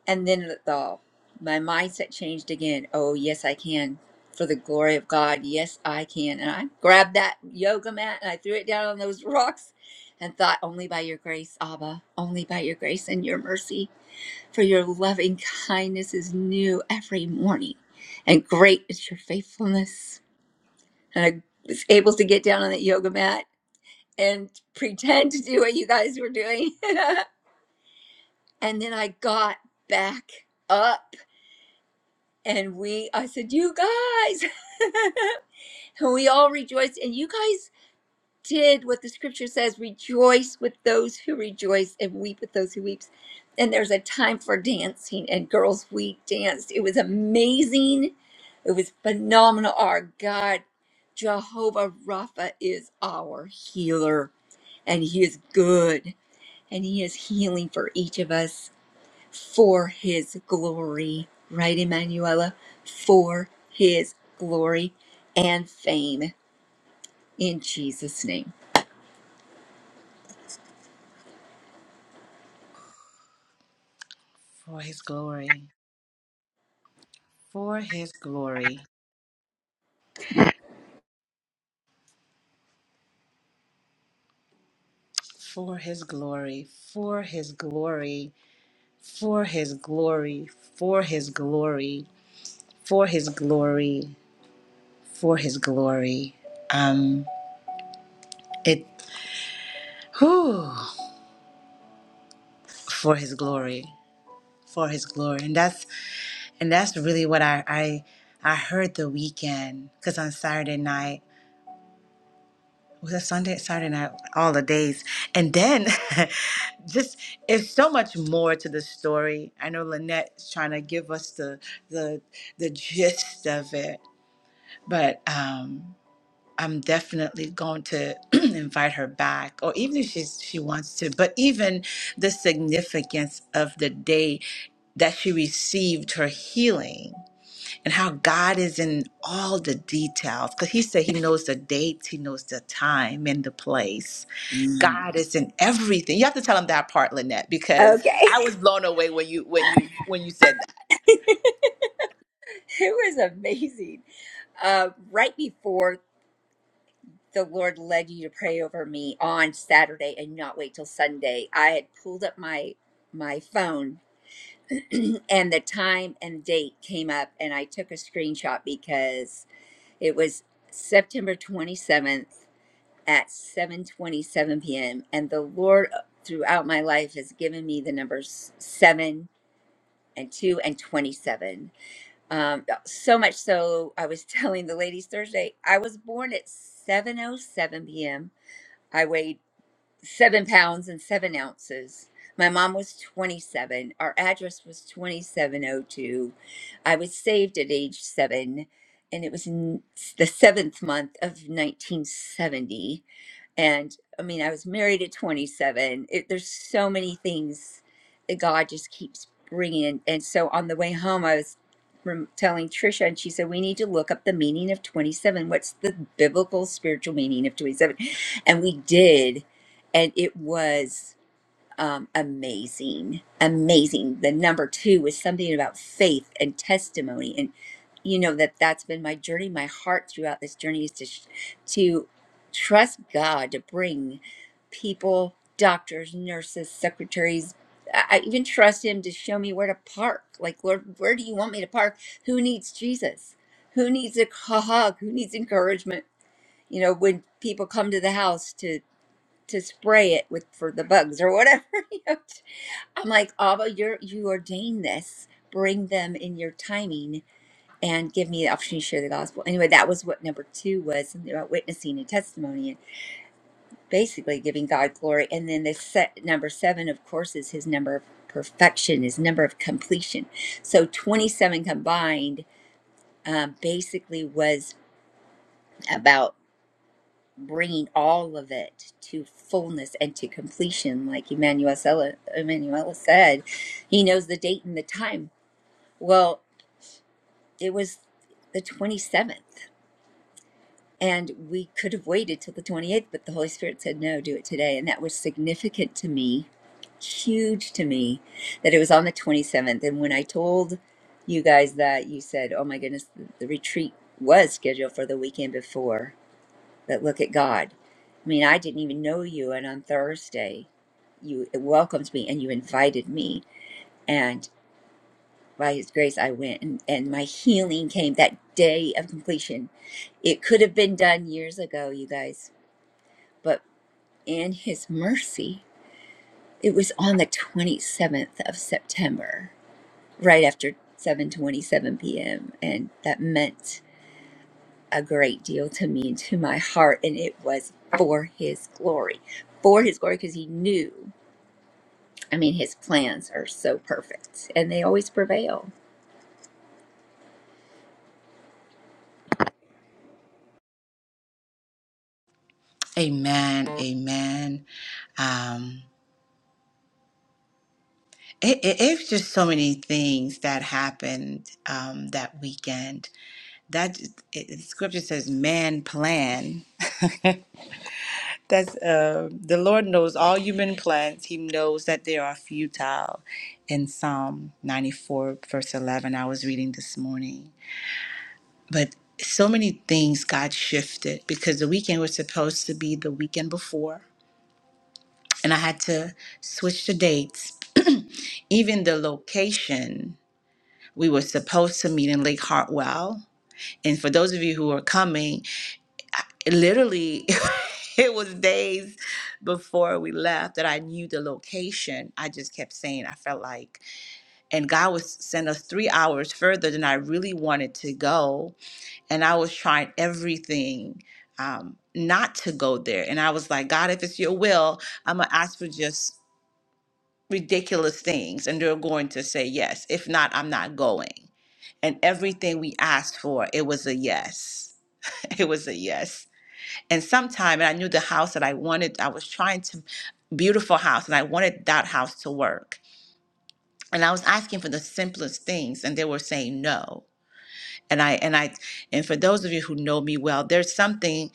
and then the my mindset changed again oh yes i can for the glory of god yes i can and i grabbed that yoga mat and i threw it down on those rocks and thought only by your grace abba only by your grace and your mercy for your loving kindness is new every morning and great is your faithfulness and I was able to get down on that yoga mat and pretend to do what you guys were doing. and then I got back up and we, I said, You guys, and we all rejoiced. And you guys did what the scripture says rejoice with those who rejoice and weep with those who weeps. And there's a time for dancing, and girls, we danced. It was amazing. It was phenomenal. Our God, Jehovah Rapha, is our healer and He is good, and He is healing for each of us for His glory. Right, Emanuela? For His glory and fame in Jesus' name. For his glory, for his glory, for his glory, for his glory, for his glory, for his glory, for his glory, for his glory. Um, it for his glory, for his glory, and that's and that's really what I I I heard the weekend because on Saturday night was a Sunday Saturday night all the days, and then just it's so much more to the story. I know Lynette's trying to give us the the the gist of it, but um I'm definitely going to invite her back, or even if she's she wants to. But even the significance of the day that she received her healing, and how God is in all the details. Because He said He knows the dates, He knows the time and the place. God is in everything. You have to tell Him that part, Lynette, because Okay, I was blown away when you when you when you said that. it was amazing. Uh, right before the Lord led you to pray over me on Saturday and not wait till Sunday, I had pulled up my my phone and the time and date came up and I took a screenshot because It was September 27th at 7:27 p.m. and the Lord uh, throughout my life has given me the numbers 7 and 2 and 27. Um so much so I was telling the ladies Thursday I was born at 7:07 p.m. I weighed seven pounds and seven ounces. My mom was 27. Our address was 2702. I was saved at age seven, and it was in the seventh month of 1970 and i mean i was married at 27 it, there's so many things that god just keeps bringing in. and so on the way home i was rem- telling trisha and she said we need to look up the meaning of 27 what's the biblical spiritual meaning of 27 and we did and it was um, amazing, amazing. The number two was something about faith and testimony, and you know that that's been my journey. My heart throughout this journey is to sh- to trust God to bring people, doctors, nurses, secretaries. I I even trust Him to show me where to park. Like, Lord, where do you want me to park? Who needs Jesus? Who needs a hug? Who needs encouragement? You know, when people come to the house to to spray it with for the bugs or whatever. You know, I'm like, Abba, you're you ordained this. Bring them in your timing and give me the opportunity to share the gospel. Anyway, that was what number two was something about witnessing and testimony and basically giving God glory. And then the set number seven, of course, is his number of perfection, his number of completion. So 27 combined um, basically was about bringing all of it to fullness and to completion like Emmanuel, Sella- Emmanuel said he knows the date and the time well It was the 27th, and we could have waited till the 28th, but the Holy Spirit said, No, do it today. And that was significant to me, huge to me, that it was on the 27th. And when I told you guys that, you said, Oh my goodness, the, the retreat was scheduled for the weekend before, but look at God. I mean, I didn't even know you, and on Thursday, you welcomed me and you invited me by his grace i went and, and my healing came that day of completion it could have been done years ago you guys but in his mercy it was on the 27th of september right after 7:27 p.m. and that meant a great deal to me and to my heart and it was for his glory for his glory because he knew i mean his plans are so perfect and they always prevail Amen. Amen. Um, it, it, it's just so many things that happened um, that weekend. That it, it- scripture says, "Man plan." That's uh, the Lord knows all human plans. He knows that they are futile. In Psalm 94, verse 11, I was reading this morning. But so many things got shifted because the weekend was supposed to be the weekend before, and I had to switch the dates. Even the location, we were supposed to meet in Lake Hartwell. And for those of you who are coming, it literally it was days before we left that I knew the location. I just kept saying I felt like, and God was sent us three hours further than I really wanted to go, and I was trying everything um, not to go there. And I was like, God, if it's your will, I'm gonna ask for just ridiculous things, and they're going to say yes. If not, I'm not going. And everything we asked for, it was a yes. It was a yes and sometime and i knew the house that i wanted i was trying to beautiful house and i wanted that house to work and i was asking for the simplest things and they were saying no and I and I and for those of you who know me well, there's something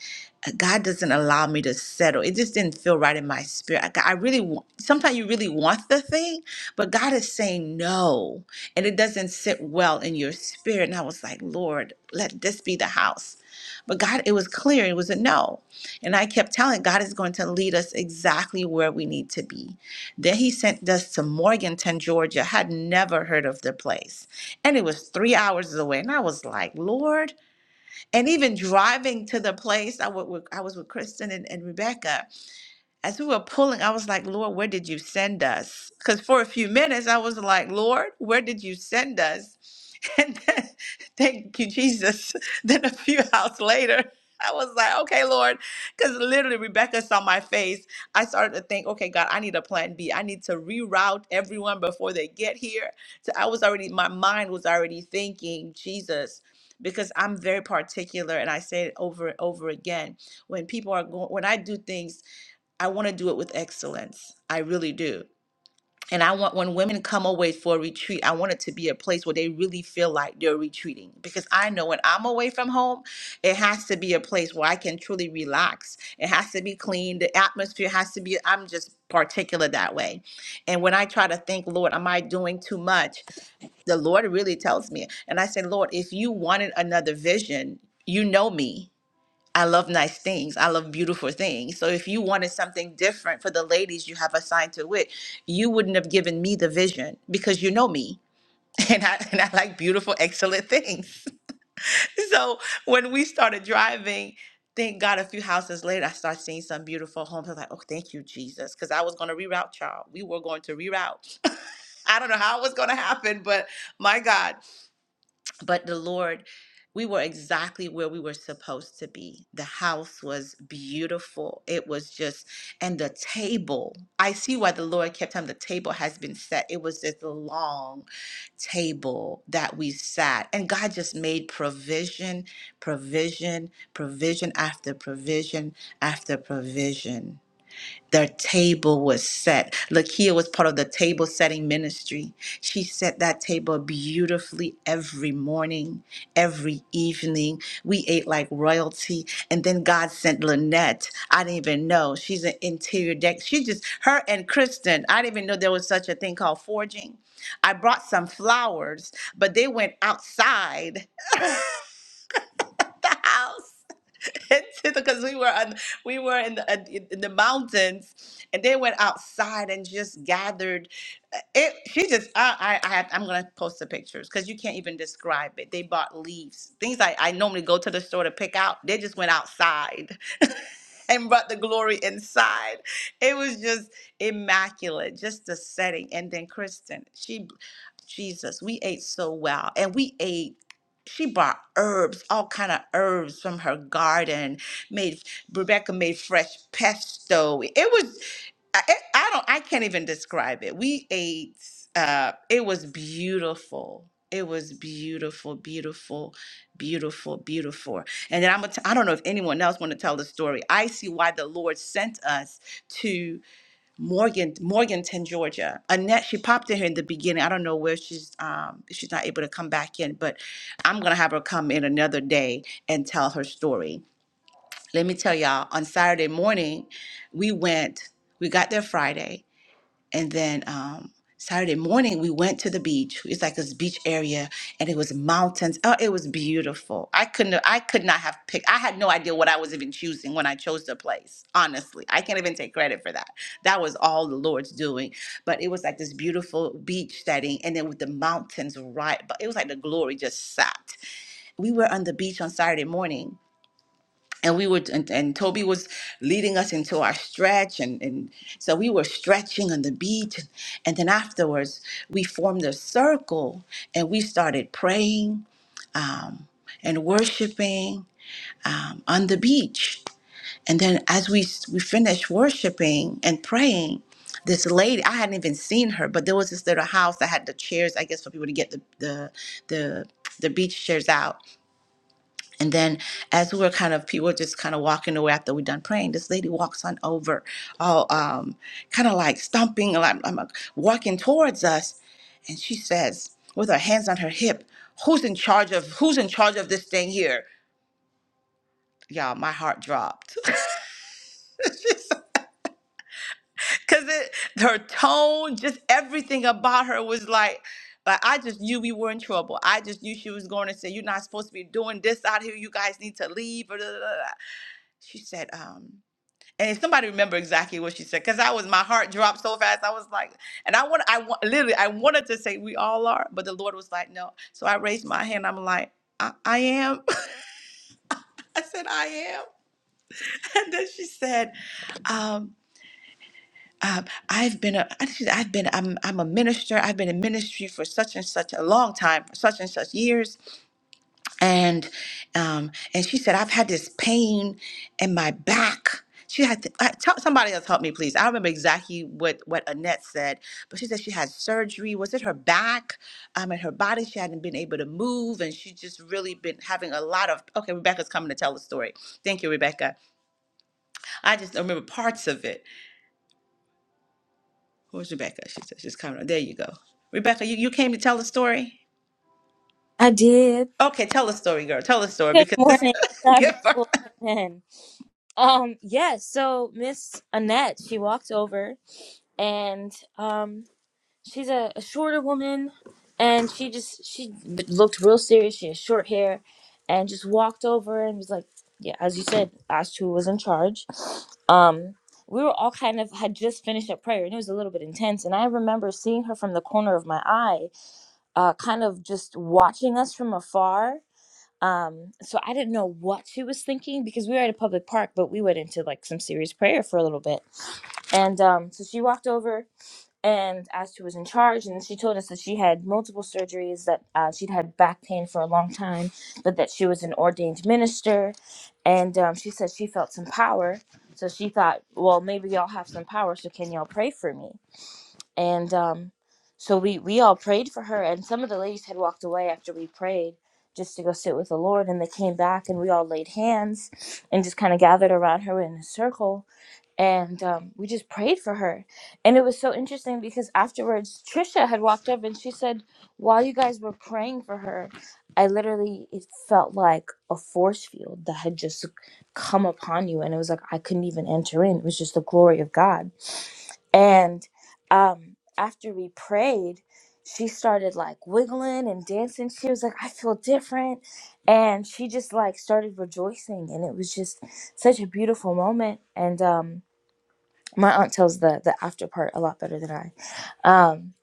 uh, God doesn't allow me to settle. It just didn't feel right in my spirit. I, I really want, sometimes you really want the thing, but God is saying no, and it doesn't sit well in your spirit. And I was like, Lord, let this be the house. But God, it was clear, it was a no. And I kept telling God is going to lead us exactly where we need to be. Then he sent us to Morganton, Georgia. Had never heard of the place and it was three hours away. And I was like, Lord. And even driving to the place, I wa- wa- I was with Kristen and, and Rebecca as we were pulling, I was like, Lord, where did you send us? Because for a few minutes, I was like, Lord, where did you send us? And then, thank you, Jesus. Then a few hours later, I was like, okay, Lord, because literally Rebecca saw my face. I started to think, okay, God, I need a plan B. I need to reroute everyone before they get here. So I was already, my mind was already thinking, Jesus, because I'm very particular and I say it over and over again. When people are going, when I do things, I want to do it with excellence. I really do. And I want when women come away for a retreat, I want it to be a place where they really feel like they're retreating. Because I know when I'm away from home, it has to be a place where I can truly relax. It has to be clean. The atmosphere has to be, I'm just particular that way. And when I try to think, Lord, am I doing too much? The Lord really tells me. And I say, Lord, if you wanted another vision, you know me. I love nice things. I love beautiful things. So if you wanted something different for the ladies you have assigned to it, you wouldn't have given me the vision because you know me. And I, and I like beautiful, excellent things. so when we started driving, thank God a few houses later, I started seeing some beautiful homes. I was like, oh, thank you, Jesus. Because I was going to reroute, child. We were going to reroute. I don't know how it was going to happen, but my God but the Lord, we were exactly where we were supposed to be. The house was beautiful. It was just, and the table. I see why the Lord kept telling me the table has been set. It was this long table that we sat, and God just made provision, provision, provision after provision after provision. The table was set. Lakia was part of the table setting ministry. She set that table beautifully every morning, every evening. We ate like royalty. And then God sent Lynette. I didn't even know. She's an interior deck. She just, her and Kristen, I didn't even know there was such a thing called forging. I brought some flowers, but they went outside the house because we were on, we were in the uh, in the mountains, and they went outside and just gathered. uh, It she just I I, I have, I'm gonna post the pictures because you can't even describe it. They bought leaves, things I I normally go to the store to pick out. They just went outside and brought the glory inside. It was just immaculate, just the setting. And then Kristen, she, Jesus, we ate so well, and we ate. She brought herbs, all kind of herbs from her garden, made Rebecca made fresh pesto. It was I, it- I don't I can't even describe it. We ate uh it was beautiful. It was beautiful, beautiful, beautiful, beautiful. And then I'm gonna t- I don't know if anyone else want to tell the story. I see why the Lord sent us to Morgan Morganton, Georgia. Annette, she popped in here in the beginning. I don't know where she's um if she's not able to come back in, but I'm gonna have her come in another day and tell her story let me tell y'all, on Saturday morning, we went, we got there Friday, and then um, Saturday morning, we went to the beach. It's like this beach area, and it was mountains. Oh, it was beautiful. I couldn't, I could not have picked, I had no idea what I was even choosing when I chose the place, honestly. I can't even take credit for that. That was all the Lord's doing. But it was like this beautiful beach setting, and then with the mountains right, but it was like the glory just sat. We were on the beach on Saturday morning and we were and, and toby was leading us into our stretch and, and so we were stretching on the beach and, then afterwards we formed a circle and we started praying and worshiping um, on the beach and then as we we finished worshiping and praying this lady i hadn't even seen her but there was this little house that had the chairs i guess for people to get the the the, the beach chairs out And then as we were kind of people were just kind of walking away after we done praying, this lady walks on over, all um, kind of like stomping, like I'm uh, walking towards us, and she says, with her hands on her hip, "Who's in charge of Who's in charge of this thing here?" Y'all, my heart dropped because her tone, just everything about her was like. Like I just knew we were in trouble. I just knew she was going to say, "You're not supposed to be doing this out here. You guys need to leave." Or da, da, da, da." she said, um, And if somebody remember exactly what she said, because I was my heart dropped so fast. I was like, and I want, I want, literally, I wanted to say we all are, but the Lord was like, no. So I raised my hand. I'm like, I, I am. I said, I am. And then she said, um, um, I've been a, I think she said, I've been, I'm, I'm a minister. I've been in ministry for such and such a long time, for such and such years and um, and she said I've had this pain in my back. She had to, uh, tell, somebody else help me, please. I don't remember exactly what what Annette said, but she said she had surgery. Was it her back? Um, and her body she hadn't been able to move, and she just really been having a lot of. Okay, Rebecca's coming to tell the story. Thank you, Rebecca. I just don't remember parts of it. Where's Rebecca? She said she's coming. There you go, Rebecca. You, you came to tell the story. I did. Okay, tell the story, girl. Tell the story Good because this morning. God give be the her. glory. Amen. Um, yes, so Miss Annette, she walked over and um she's a, a shorter woman and she just she b- looked real serious. She had short hair and just walked over and was like, Yeah, as you said, asked who was in charge. Um we were all kind of had just finished up prayer and it was a little bit intense and i remember seeing her from the corner of my eye uh, kind of just watching us from afar Um, so I didn't know what she was thinking because we were at a public park, but we went into like some serious prayer for a little bit. And um, so she walked over and asked who was in charge, and she told us that she had multiple surgeries, that uh, she'd had back pain for a long time, but that she was an ordained minister, and um, she said she felt some power. So she thought, well, maybe y'all have some power, so can y'all pray for me? and um, so we we all prayed for her and some of the ladies had walked away after we prayed just to go sit with the lord and they came back and we all laid hands and just kind of gathered around her in a circle and um, we just prayed for her and it was so interesting because afterwards trisha had walked up and she said while you guys were praying for her i literally it felt like a force field that had just come upon you and it was like i couldn't even enter in it was just the glory of god and um, after we prayed, she started like wiggling and dancing. She was like, I feel different. And she just like started rejoicing. And it was just such a beautiful moment. And um, my aunt tells the, the after part a lot better than I. Um,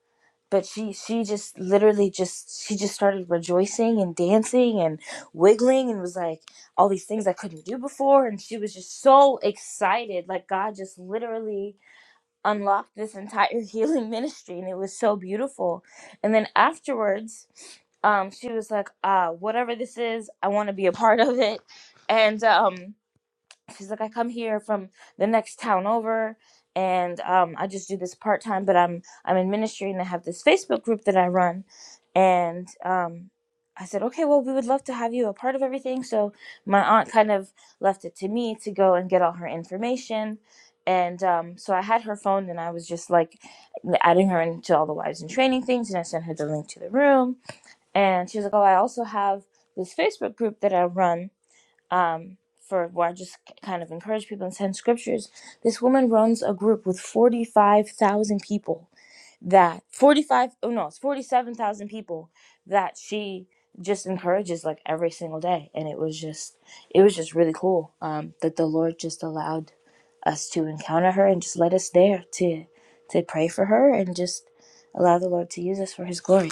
but she she just literally just she just started rejoicing and dancing and wiggling and was like all these things I couldn't do before and she was just so excited like God just literally unlocked this entire healing ministry and it was so beautiful and then afterwards um she was like uh whatever this is i want to be a part of it and um She's like, I come here from the next town over, and um, I just do this part time. But I'm I'm in ministry, and I have this Facebook group that I run. And um, I said, okay, well, we would love to have you a part of everything. So my aunt kind of left it to me to go and get all her information. And um, so I had her phone, and I was just like adding her into all the wives and training things. And I sent her the link to the room. And she was like, oh, I also have this Facebook group that I run um, for where I just kind of encourage people and send scriptures. This woman runs a group with 45,000 people that 45, oh no, it's 47,000 people that she just encourages like every single day. And it was just, it was just really cool um, that the Lord just allowed us to encounter her and just let us there to, to pray for her and just allow the Lord to use us for his glory.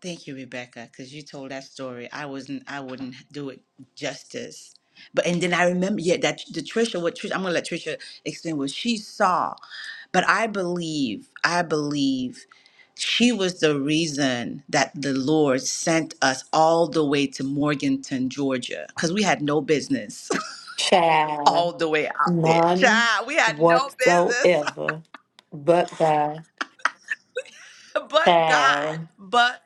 Thank you, Rebecca, because you told that story. I wasn't. I wouldn't do it justice. But and then I remember, yeah, that the Trisha. What Trisha? I'm gonna let Trisha explain what she saw. But I believe. I believe. She was the reason that the Lord sent us all the way to Morganton, Georgia, because we had no business Child, all the way out there. none Child, we had no business, whatsoever but God. but God, Child. but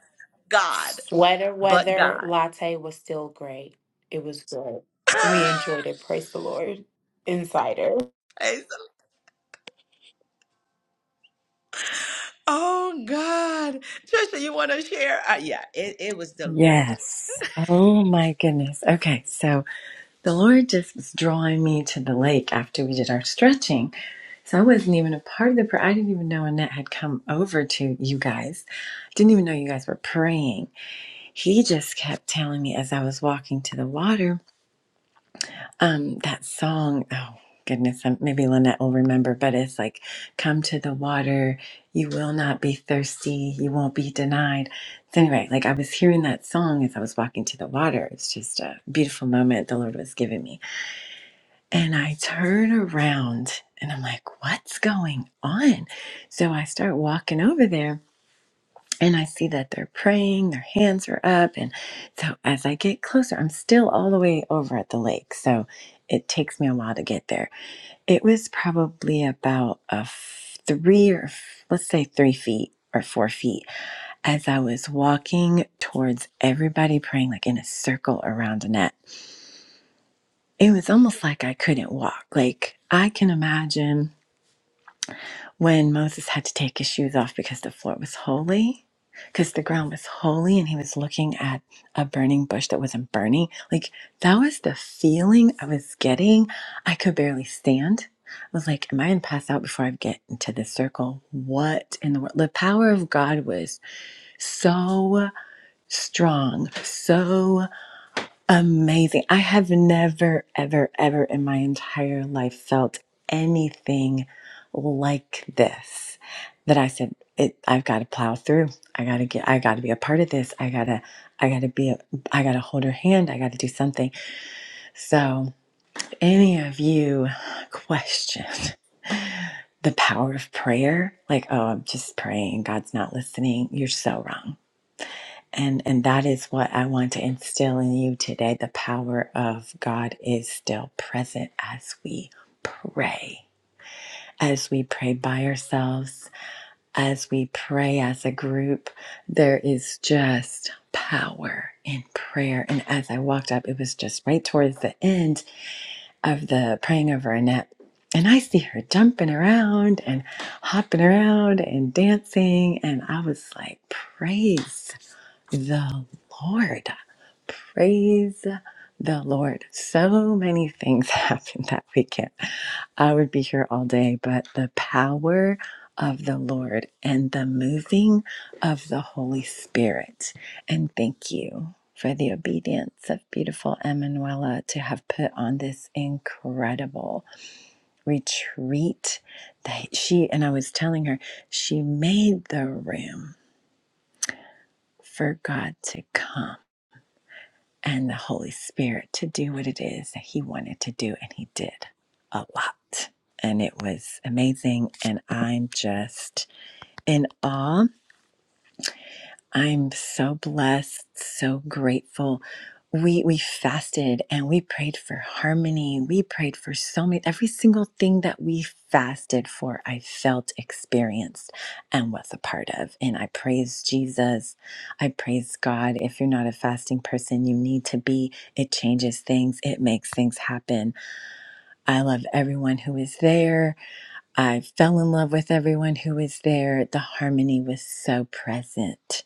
God, Sweater but weather God. latte was still great. It was good. We enjoyed it. Praise the Lord. Insider. Praise Oh God, Trisha, you want to share? Uh, yeah, it, it was the Lord. Yes. Oh my goodness. Okay. So the Lord just was drawing me to the lake after we did our stretching. So I wasn't even a part of the prayer. I didn't even know Annette had come over to you guys. Didn't even know you guys were praying. He just kept telling me as I was walking to the water, um, that song, oh goodness, um, maybe Lynette will remember, but it's like, come to the water, you will not be thirsty, you won't be denied. So anyway, like I was hearing that song as I was walking to the water. It's just a beautiful moment the Lord was giving me. And I turn around and I'm like, what's going on? So I start walking over there and I see that they're praying, their hands are up. And so as I get closer, I'm still all the way over at the lake. So it takes me a while to get there. It was probably about a f- three or f- let's say three feet or four feet as I was walking towards everybody praying like in a circle around Annette. It was almost like I couldn't walk. Like I can imagine when Moses had to take his shoes off because the floor was holy, because the ground was holy, and he was looking at a burning bush that wasn't burning. Like, that was the feeling I was getting. I could barely stand. I was like, Am I going to pass out before I get into this circle? What in the world? The power of God was so strong, so Amazing. I have never, ever, ever in my entire life felt anything like this that I said, it, I've got to plow through. I got to get, I got to be a part of this. I got to, I got to be, a, I got to hold her hand. I got to do something. So, if any of you question the power of prayer, like, oh, I'm just praying, God's not listening, you're so wrong and and that is what I want to instill in you today. The power of God is still present as we pray. As we pray by ourselves, as we pray as a group, there is just power in prayer. And as I walked up, it was just right towards the end of the praying over Annette. And I see her jumping around and hopping around and dancing. And I was like, praise the Lord. Praise the Lord. So many things happened that weekend. I would be here all day, but the power of the Lord and the moving of the Holy Spirit. And thank you for the obedience of beautiful Emanuela to have put on this incredible retreat that she and I was telling her she made the room for God to come and the Holy Spirit to do what it is that He wanted to do. And He did a lot. And it was amazing. And I'm just in awe I'm so blessed, so grateful. We we fasted and we prayed for harmony. We prayed for so many every single thing that we fasted for, I felt experienced and was a part of. And I praise Jesus. I praise God. If you're not a fasting person, you need to be. It changes things. It makes things happen. I love everyone who is there. I fell in love with everyone who was there. The harmony was so present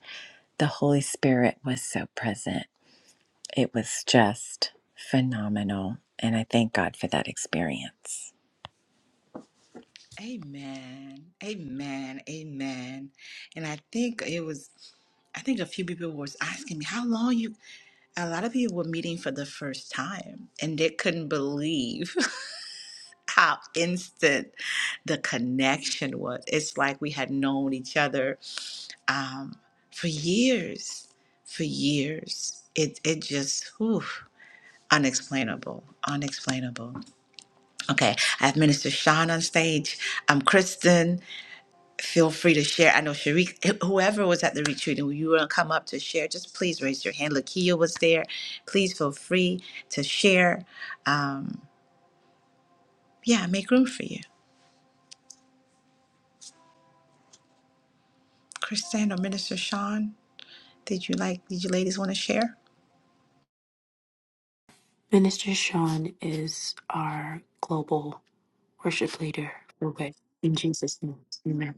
the Holy Spirit was so present. It was just phenomenal. And I thank God for that experience. Amen. Amen. Amen. And I think it was. I think a few people was asking me how long you. A lot of people were meeting for the first time, and they couldn't believe how instant the connection was. It's like we had known each other for years, for years. It it just whew, unexplainable, unexplainable. Okay, I have Minister Sean on stage. I'm Kristen. Feel free to share. I know Sharik, whoever was at the retreat and you want to come up to share, just please raise your hand. Lakia was there. Please feel free to share. Um, yeah, make room for you. Kristen or Minister Sean, did you like, did you ladies want to share? Minister Sean is our global worship leader. Okay. In Jesus' name. Amen.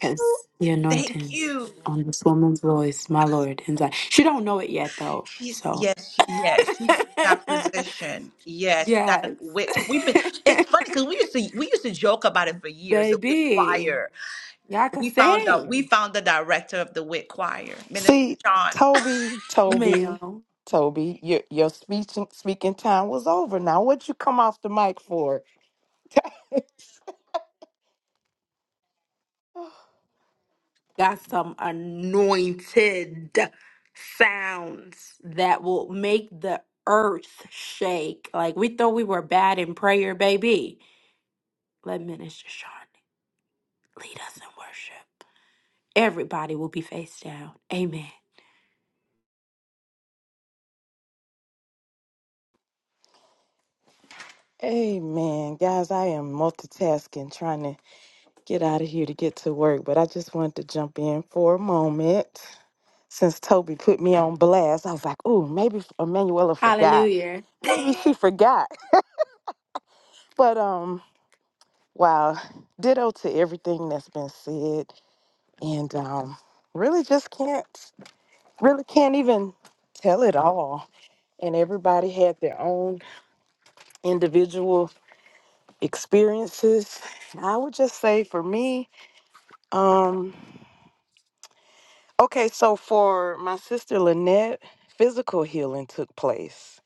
Cause the Thank anointing you. on this woman's voice, my Lord. And Zion. She don't know it yet though, She's, so yes, she, yes, she got position. Yes, we got a yes, whip. We've been, it's funny because we used to, we used to joke about it for years, the Wick baby, choir. y'all can We found out. We sing, found the director of the Wick Choir, Minister See, Sean. Toby, Toby, ma'am. Toby, your your speech speaking time was over. Now, what you come off the mic for? Got some anointed sounds that will make the earth shake. Like we thought we were bad in prayer, baby. Let Minister Sean lead us in worship. Everybody will be face down. Amen. Hey, man, guys, I am multitasking, trying to get out of here to get to work, but I just wanted to jump in for a moment. Since Toby put me on blast, I was like, "Ooh, maybe Emanuela forgot. Hallelujah. Maybe she forgot." But um, wow, ditto to everything that's been said, and um, really just can't. really can't even tell it all. And everybody had their own individual experiences. I would just say for me, um, okay, so for my sister Lynette, physical healing took place.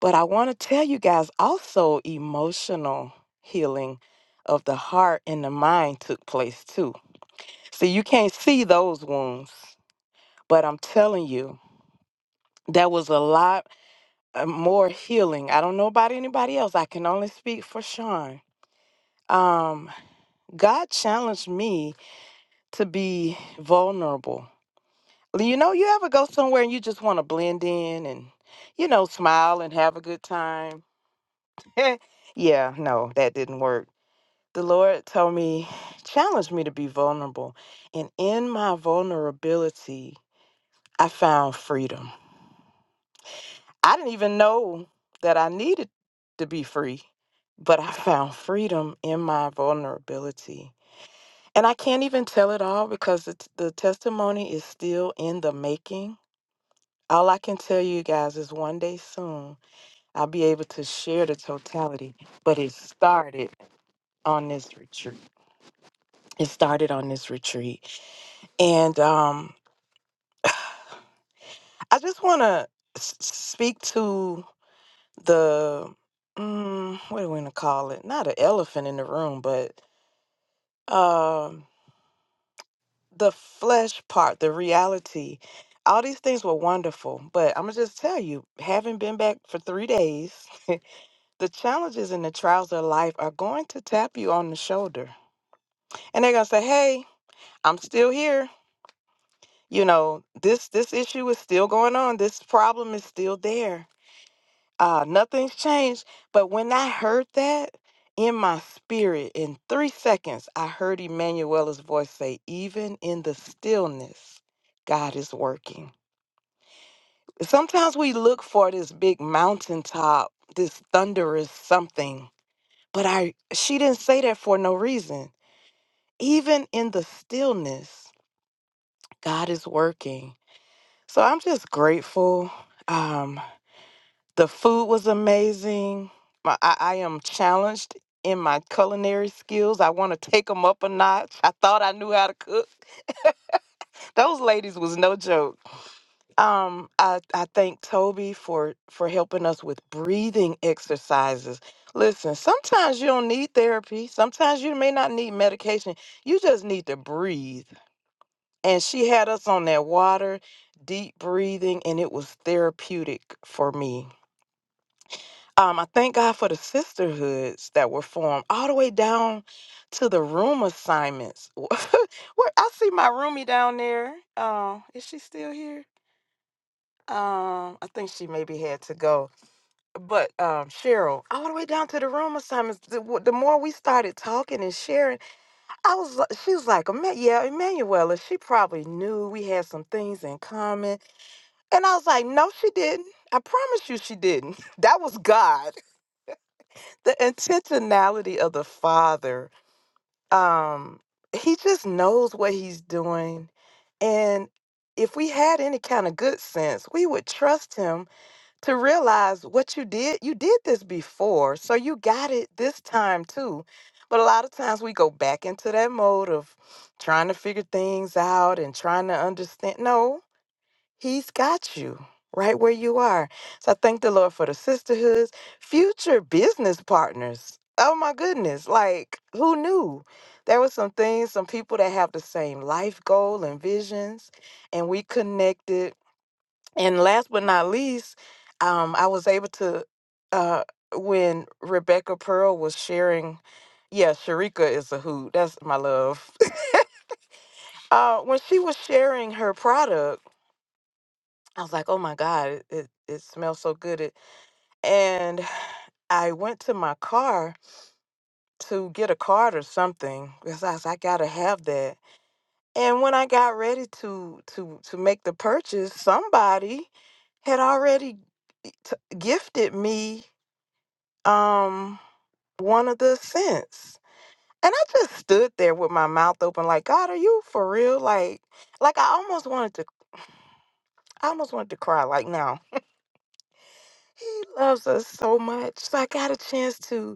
But I want to tell you guys also emotional healing of the heart and the mind took place too. See, you can't see those wounds, but I'm telling you, there was a lot uh, more healing. I don't know about anybody else. I can only speak for Sean. Um, God challenged me to be vulnerable. You know, you ever go somewhere and you just want to blend in and, you know, smile and have a good time? yeah, no, that didn't work. The Lord told me, challenged me to be vulnerable. And in my vulnerability, I found freedom. I didn't even know that I needed to be free, but I found freedom in my vulnerability. And I can't even tell it all because the, t- the testimony is still in the making. All I can tell you guys is one day soon I'll be able to share the totality, but it started on this retreat. It started on this retreat. And um, I just want to s- speak to the mm, what do we gonna call it? Not an elephant in the room, but um the flesh part, the reality. All these things were wonderful, but I'm gonna just tell you, having been back for three days, the challenges and the trials of life are going to tap you on the shoulder, and they're gonna say, "Hey, I'm still here. You know, this this issue is still going on. This problem is still there." uh, nothing's changed. But when I heard that in my spirit, in three seconds, I heard Emanuela's voice say, Even in the stillness, God is working. Sometimes we look for this big mountaintop, this thunderous something, but I she didn't say that for no reason. Even in the stillness, God is working. So I'm just grateful. Um. The food was amazing. My, I, I am challenged in my culinary skills. I want to take them up a notch. I thought I knew how to cook. Those ladies was no joke. Um, I, I thank Toby for for helping us with breathing exercises. Listen, sometimes you don't need therapy. Sometimes you may not need medication. You just need to breathe. And she had us on that water, deep breathing, and it was therapeutic for me Um, I thank God for the sisterhoods that were formed all the way down to the room assignments. Where I see my roomie down there. Um, is she still here? Um, I think she maybe had to go. But um, Cheryl, all the way down to the room assignments. The, w- the more we started talking and sharing, I was li- she was like, "Emma- "Yeah, Emanuela." She probably knew we had some things in common, and I was like, "No, she didn't. I promise you, she didn't. That was God." the intentionality of the father um he just knows what he's doing and if we had any kind of good sense we would trust him to realize what you did you did this before so you got it this time too but a lot of times we go back into that mode of trying to figure things out and trying to understand no He's got you right where you are. So I thank the Lord for the sisterhoods, future business partners. Oh my goodness. Like, who knew? There were some things, some people that have the same life goal and visions, and we connected. And last but not least, um, I was able to, uh, when Rebecca Pearl was sharing, yeah, Sharika is a hoot. That's my love. uh, when she was sharing her product, I was like, oh my God, it, it, it smells so good. It, and I went to my car to get a card or something because I was like, I gotta have that. And when I got ready to to to make the purchase, somebody had already g- t- gifted me um one of the scents. And I just stood there with my mouth open, like, God, are you for real? Like, like I almost wanted to, I almost wanted to cry. Like, now he loves us so much. So I got a chance to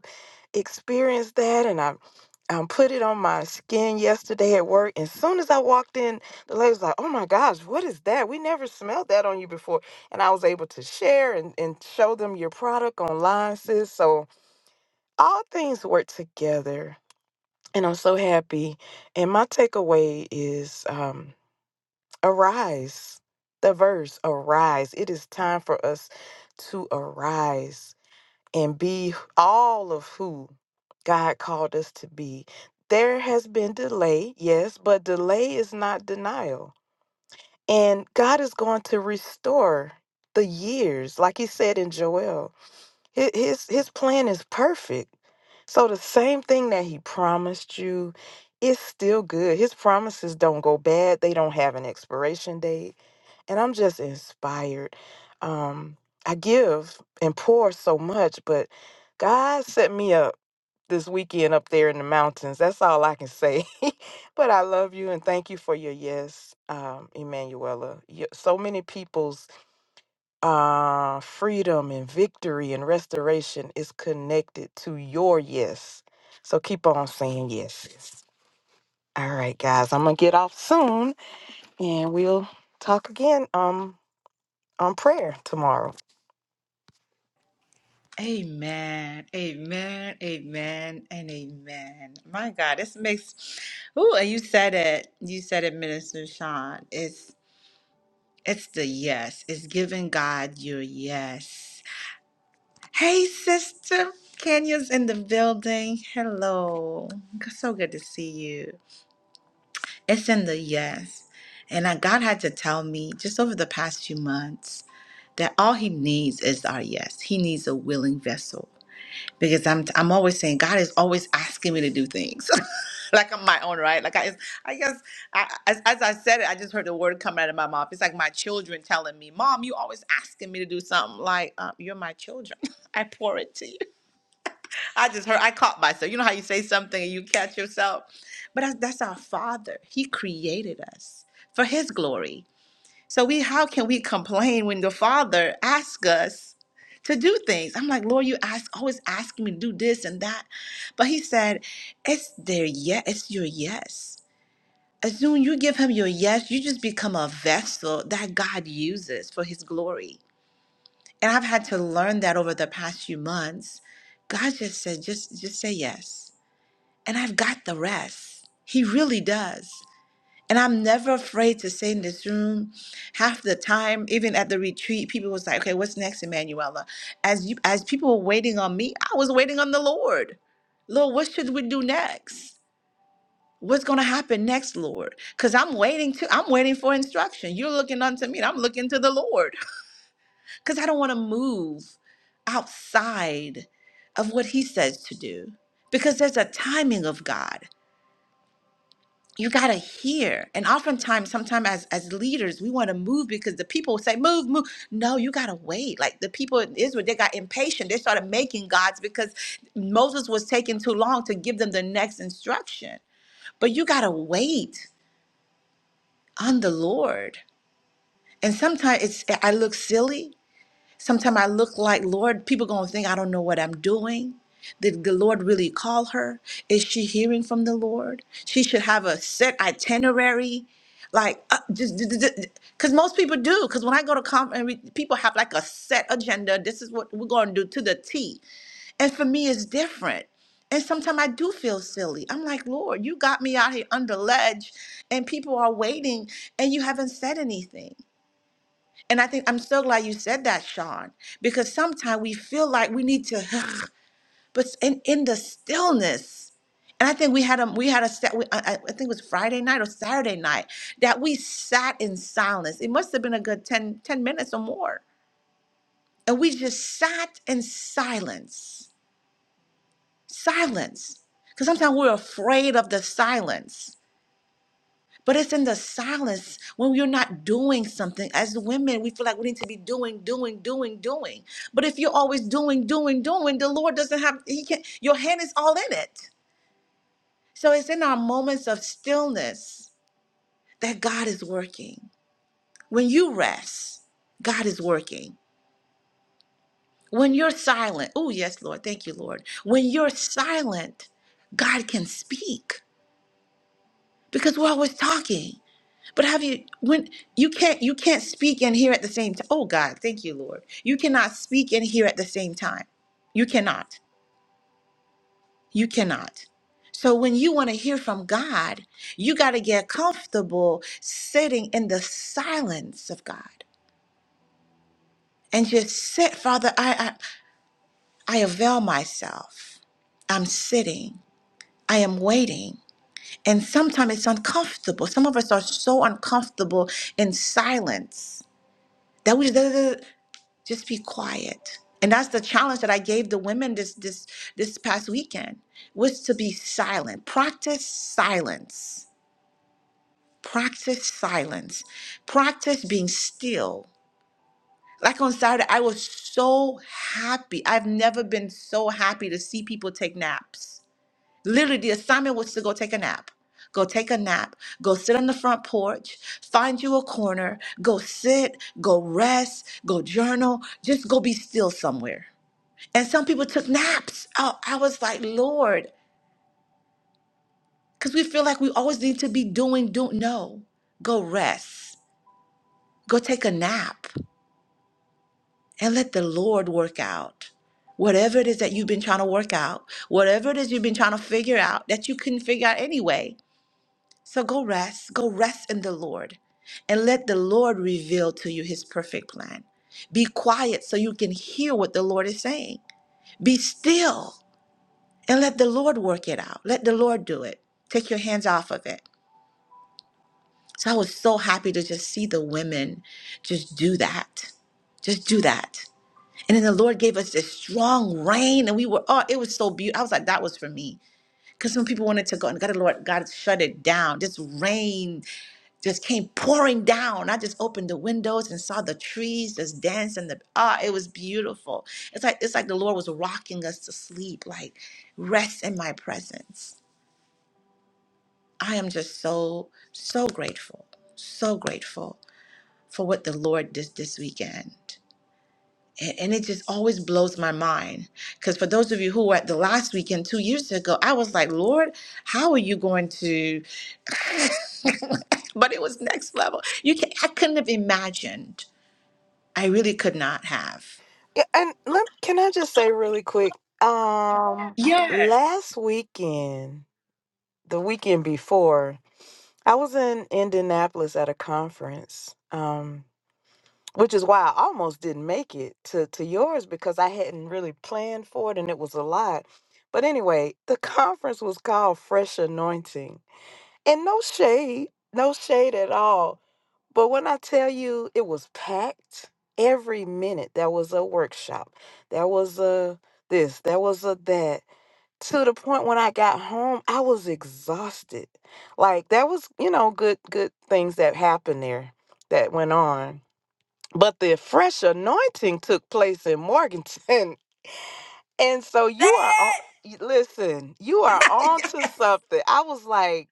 experienced that and I um, put it on my skin yesterday at work. And soon as I walked in, the lady was like, Oh my gosh, what is that? We never smelled that on you before. And I was able to share and, and show them your product online, sis. So all things work together. And I'm so happy. And my takeaway is um, arise. The verse, arise. It is time for us to arise and be all of who God called us to be. There has been delay, yes, but delay is not denial. And God is going to restore the years, like he said in Joel. Hi- His his plan is perfect. So the same thing that he promised you is still good. His promises don't go bad. They don't have an expiration date and I'm just inspired. Um, I give and pour so much, but God set me up this weekend up there in the mountains. That's all I can say. but I love you and thank you for your yes, um, Emanuela. Y- So many people's uh, freedom and victory and restoration is connected to your yes. So keep on saying yes. All right, guys, I'm gonna get off soon, and we'll talk again um on prayer tomorrow. Amen. Amen. Amen. And amen. My God, this makes Ooh, and you said it. You said it, Minister Sean. It's it's the yes. It's giving God your yes. Hey, sister. Kenya's in the building. Hello. So good to see you. It's in the yes. And I, God had to tell me just over the past few months that all he needs is our yes. He needs a willing vessel. Because I'm I'm always saying God is always asking me to do things. like I'm my own, right? Like I I guess I, as, as I said it, I just heard the word come out of my mouth. It's like my children telling me, "Mom, you always asking me to do something." Like uh, you're my children. I pour it to you. I just heard. I caught myself. You know how you say something and you catch yourself. But that's, that's our Father. He created us for His glory. So we how can we complain when the Father asks us to do things? I'm like, Lord, you ask always asking me to do this and that. But he said, It's their yes, it's your yes. As soon you give him your yes, you just become a vessel that God uses for his glory. And I've had to learn that over the past few months. God just said, just just say yes. And I've got the rest. He really does. And I'm never afraid to say in this room. Half the time, even at the retreat, people was like, "Okay, what's next, Emanuela?" As you, as people were waiting on me, I was waiting on the Lord. Lord, what should we do next? What's gonna happen next, Lord? Because I'm waiting to, I'm waiting for instruction. You're looking unto me, and I'm looking to the Lord. Because I don't want to move outside of what He says to do. Because there's a timing of God. you got to hear and oftentimes sometimes as as leaders we want to move because the people say move move no you got to wait like the people in israel they got impatient they started making gods because moses was taking too long to give them the next instruction but you got to wait on the lord and sometimes it's i look silly Sometimes I look like, Lord, people going to think I don't know what I'm doing. Did the Lord really call her? Is she hearing from the Lord? She should have a set itinerary. Like, uh, just because most people do. Because when I go to conference, people have like a set agenda. This is what we're going to do to the T. And for me, it's different. And sometimes I do feel silly. I'm like, Lord, you got me out here under ledge, and people are waiting, and you haven't said anything. And I think I'm so glad you said that, Sean, because sometimes we feel like we need to, but in, in the stillness. And I think we had a we had a set. we- I I- I think it was Friday night or Saturday night that we sat in silence. It must have been a good 10 10 minutes or more, and we just sat in silence, silence. Because sometimes we're afraid of the silence. But it's in the silence when you're not doing something. As women, we feel like we need to be doing, doing, doing, doing. But if you're always doing, doing, doing, the Lord doesn't have, He can your hand is all in it. So it's in our moments of stillness that God is working. When you rest, God is working. When you're silent, oh, yes, Lord, thank you, Lord. When you're silent, God can speak because we're always talking. But have you when you can't you can't speak and hear at the same time? Oh God, thank you, Lord. You cannot speak and hear at the same time. You cannot. You cannot. So when you want to hear from God, you got to get comfortable sitting in the silence of God and just sit, Father. I I, I avail myself. I'm sitting. I am waiting. And sometimes it's uncomfortable. Some of us are so uncomfortable in silence that we just just be quiet and that's the challenge that i gave the women this this this past weekend was to be silent practice silence practice silence practice being still like on saturday i was so happy i've never been so happy to see people take naps literally the assignment was to go take a nap go take a nap go sit on the front porch find you a corner go sit go rest go journal just go be still somewhere and some people took naps. Oh, I was like, Lord, because we feel like we always need to be doing, do no. Go rest. Go take a nap and let the Lord work out. Whatever it is that you've been trying to work out, whatever it is you've been trying to figure out that you couldn't figure out anyway. So go rest. Go rest in the Lord and let the Lord reveal to you his perfect plan. Be quiet so you can hear what the Lord is saying. Be still and let the Lord work it out. Let the Lord do it. Take your hands off of it. So I was so happy to just see the women just do that. Just do that. And then the Lord gave us this strong rain, and we were, oh, it was so beautiful. I was like, that was for me. Because some people wanted to go, and God, the Lord, God shut it down. This rain just came pouring down. I just opened the windows and saw the trees just dance and the ah, it was beautiful. It's like it's like the Lord was rocking us to sleep, like rest in my presence. I am just so, so grateful, so grateful for what the Lord did this weekend. And, and it just always blows my mind. Because for those of you who were at the last weekend two years ago, I was like, Lord, how are you going to? but it was next level. You can, I couldn't have imagined. I really could not have. Yeah, and let, can I just say really quick? Um, Yes. last weekend, the weekend before, I was in Indianapolis at a conference. Um, which is why I almost didn't make it to to yours because I hadn't really planned for it and it was a lot. But anyway, the conference was called Fresh Anointing, and no shade, no shade at all. But when I tell you it was packed every minute, there was a workshop, there was a this, there was a that, to the point when I got home, I was exhausted. Like there was, you know, good good things that happened there that went on. But the fresh anointing took place in Morganton. And so Say you are on it. y- listen, you are on to something. I was like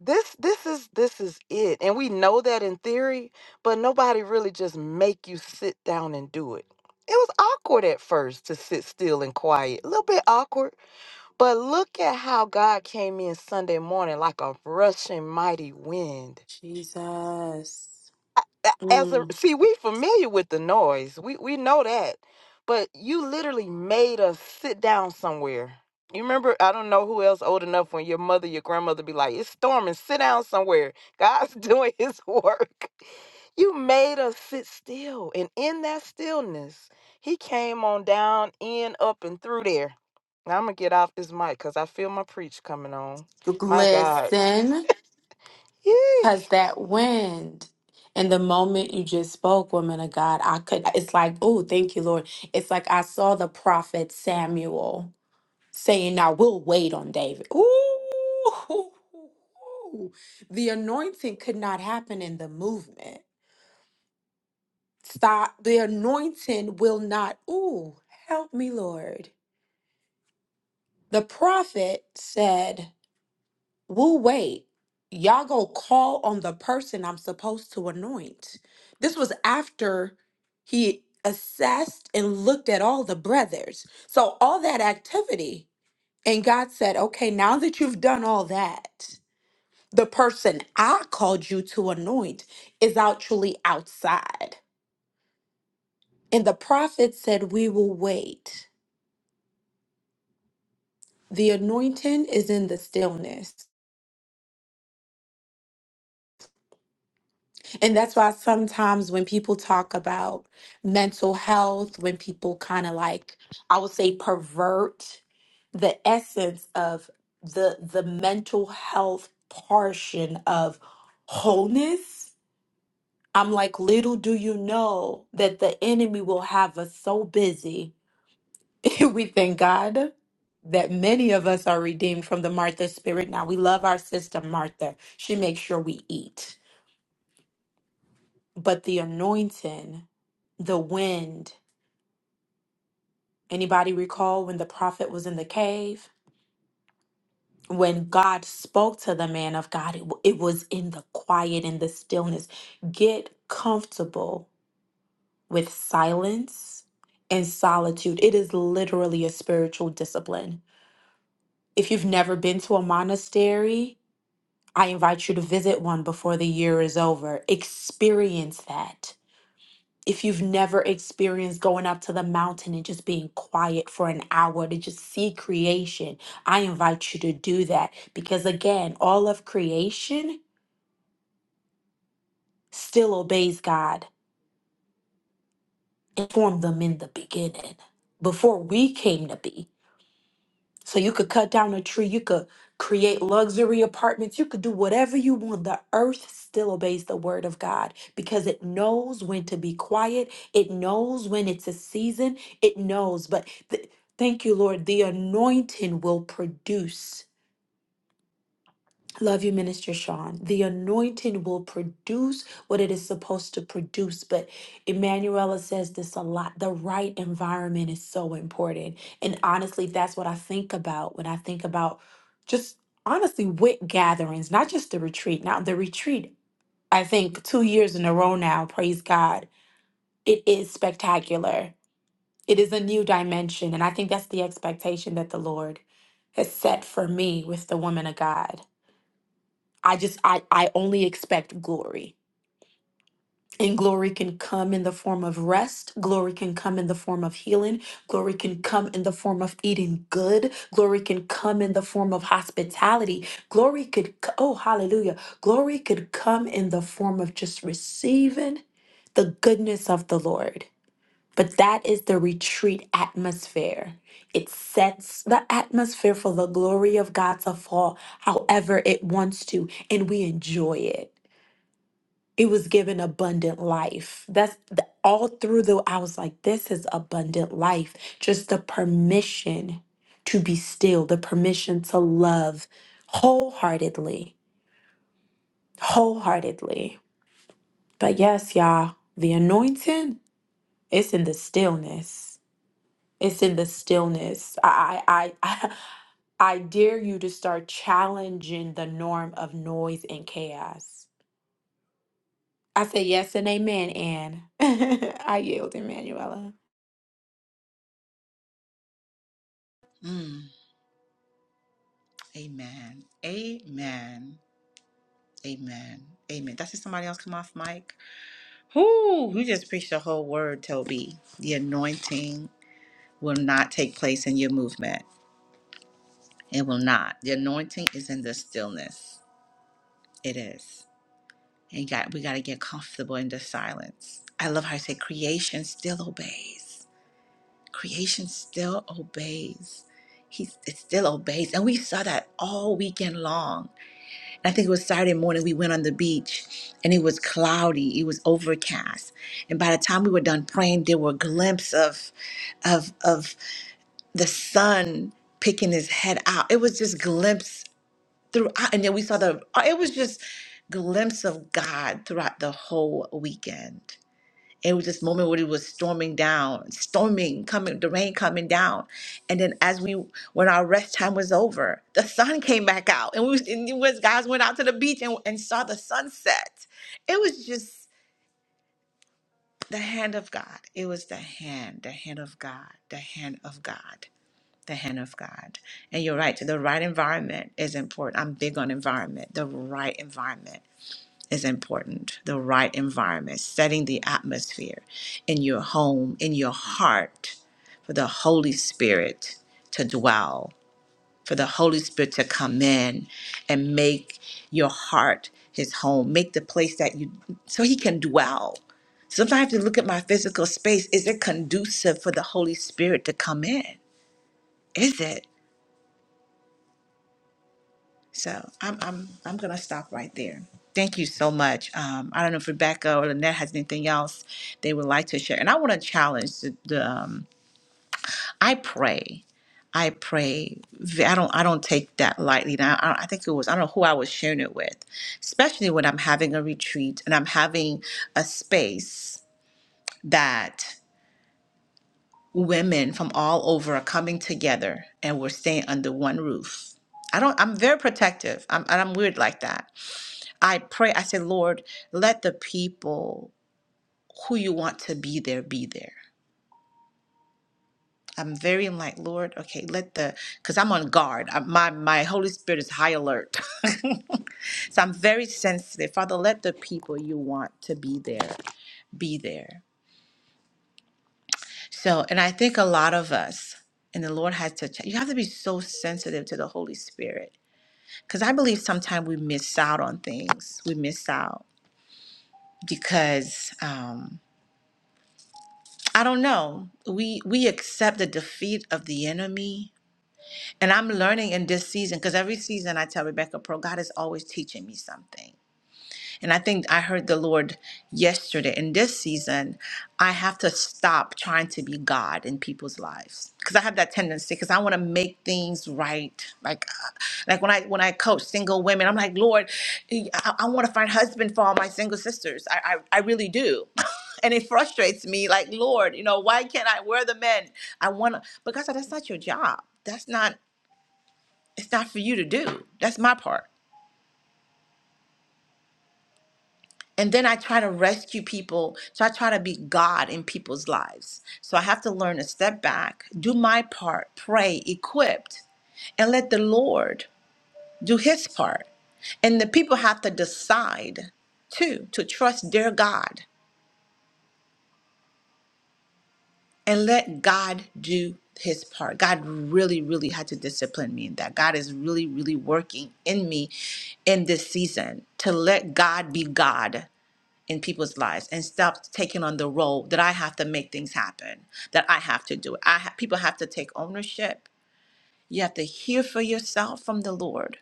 this this is this is it and we know that in theory but nobody really just make you sit down and do it it was awkward at first to sit still and quiet a little bit awkward but look at how god came in sunday morning like a rushing mighty wind Jesus. as a Mm. see we familiar with the noise we we know that but you literally made us sit down somewhere you remember i don't know who else old enough when your mother your grandmother be like it's storming sit down somewhere god's doing his work you made us sit still and in that stillness he came on down in up and through there now i'm gonna get off this mic because i feel my preach coming on my god Listen, Yee. because that wind and the moment you just spoke, woman of God, I could, it's like, oh, thank you, Lord. It's like I saw the prophet Samuel. saying, Now we'll wait on David. Ooh, the anointing could not happen in the movement. Stop. The anointing will not. Ooh, help me, Lord. The prophet said, We'll wait. Y'all go call on the person I'm supposed to anoint. This was after he assessed and looked at all the brothers. So, all that activity. And God said, Okay, now that you've done all that, the person I called you to anoint is actually outside. And the prophet said, We will wait. The anointing is in the stillness. And that's why sometimes when people talk about mental health, when people kind of like, I would say, pervert the essence of the the mental health portion of wholeness i'm like little do you know that the enemy will have us so busy we thank God that many of us are redeemed from the Martha spirit. Now, we love our sister Martha. She makes sure we eat. But the anointing, the wind, anybody recall when the prophet was in the cave? When God spoke to the man of God, it, w- it was in the quiet, in the stillness. Get comfortable with silence and solitude. It is literally a spiritual discipline. If you've never been to a monastery, I invite you to visit one before the year is over. Experience that. If you've never experienced going up to the mountain and just being quiet for an hour to just see creation, I invite you to do that because, again, all of creation still obeys God and formed them in the beginning before we came to be. So you could cut down a tree, you could create luxury apartments, you could do whatever you want. The earth still obeys the word of God because it knows when to be quiet, it knows when it's a season, it knows. But th- thank you, Lord, the anointing will produce. Love you, Minister Sean. The anointing will produce what it is supposed to produce. But Emanuela says this a lot. The right environment is so important. And honestly, that's what I think about when I think about just honestly WIC gatherings, not just the retreat. Now, the retreat, I think two years in a row now, praise God, it is spectacular. It is a new dimension. And I think that's the expectation that the Lord has set for me with the woman of God. I just I I only expect glory. And glory can come in the form of rest. Glory can come in the form of healing. Glory can come in the form of eating good. Glory can come in the form of hospitality. Glory could, c- oh, hallelujah. Glory could come in the form of just receiving the goodness of the Lord. But that is the retreat atmosphere. It sets the atmosphere for the glory of God to fall however it wants to, and we enjoy it it was given abundant life. That's the, all through the, I was like, this is abundant life. Just the permission to be still, the permission to love wholeheartedly, wholeheartedly. But yes, y'all, the anointing, it's in the stillness. It's in the stillness. I, I, I, I dare you to start challenging the norm of noise and chaos. I say yes and amen, and I yield, Emanuela. Amen. Amen. Amen. Amen. That's just somebody else come off mic. Whoo, you just preached the whole word, Toby. The anointing. will not take place in your movement. It will not. The anointing is in the stillness. It is. And God, we got to get comfortable in the silence. I love how I say creation still obeys. Creation still obeys. He it still obeys. And we saw that all weekend long. And I think it was Saturday morning we went on the beach and it was cloudy. It was overcast. And by the time we were done praying, there were glimpses of of of the sun picking his head out. It was just glimpses. throughout and then we saw the uh, it was just glimpse of god throughout the whole weekend it was this moment where it was storming down storming coming the rain coming down and then as we when our rest time was over the sun came back out and we was, and it was guys went out to the beach and, and saw the sunset it was just the hand of god it was the hand the hand of god the hand of god the hand of God. And you're right, the right environment is important. I'm big on environment. The right environment is important. The right environment, setting the atmosphere in your home, in your heart, for the Holy Spirit to dwell, for the Holy Spirit to come in and make your heart his home, make the place that you, so he can dwell. Sometimes I have to look at my physical space. Is it conducive for the Holy Spirit to come in? Is it? So I'm I'm I'm gonna stop right there. Thank you so much. Um, I don't know if Rebecca or Lynette has anything else they would like to share. And I want to challenge the, the um, I pray. I pray. v- I don't. I don't take that lightly. Now, I, I think it was. I don't know who I was sharing it with, especially when I'm having a retreat and I'm having a space that women from all over are coming together and we're staying under one roof. I don't. I'm very protective. I'm. and I'm weird like that. I pray, I say, Lord, let the people who you want to be there be there. I'm very I'm like, Lord, okay, let the because I'm on guard. I, my my Holy Spirit is high alert. so I'm very sensitive. Father, let the people you want to be there be there. So, and I think a lot of us, and the Lord has to, ch- you have to be so sensitive to the Holy Spirit. Because I believe sometimes we miss out on things. We miss out because um, I don't know. We we accept the defeat of the enemy. And I'm learning in this season because every season I tell Rebecca Pro, God is always teaching me something. And I think I heard the Lord yesterday in this season, I have to stop trying to be God in people's lives because I have that tendency because I want to make things right. Like, uh, like when I when I coach single women, I'm like, Lord, I, I want to find husband for all my single sisters. I I, I really do. And it frustrates me, like Lord, you know, why can't I? Where are the men? I want to, but God that's not your job. That's not. It's not for you to do. That's my part. And then I try to rescue people. So I try to be God in people's lives. So I have to learn to step back, do my part, pray, equipped, and let the Lord do his part. And the people have to decide too to trust their God and let God do his part. God really, really had to discipline me in that. God is really, really working in me in this season to let God be God in people's lives and stop taking on the role that I have to make things happen, that I have to do it. I ha- people have to take ownership. You have to hear for yourself from the Lord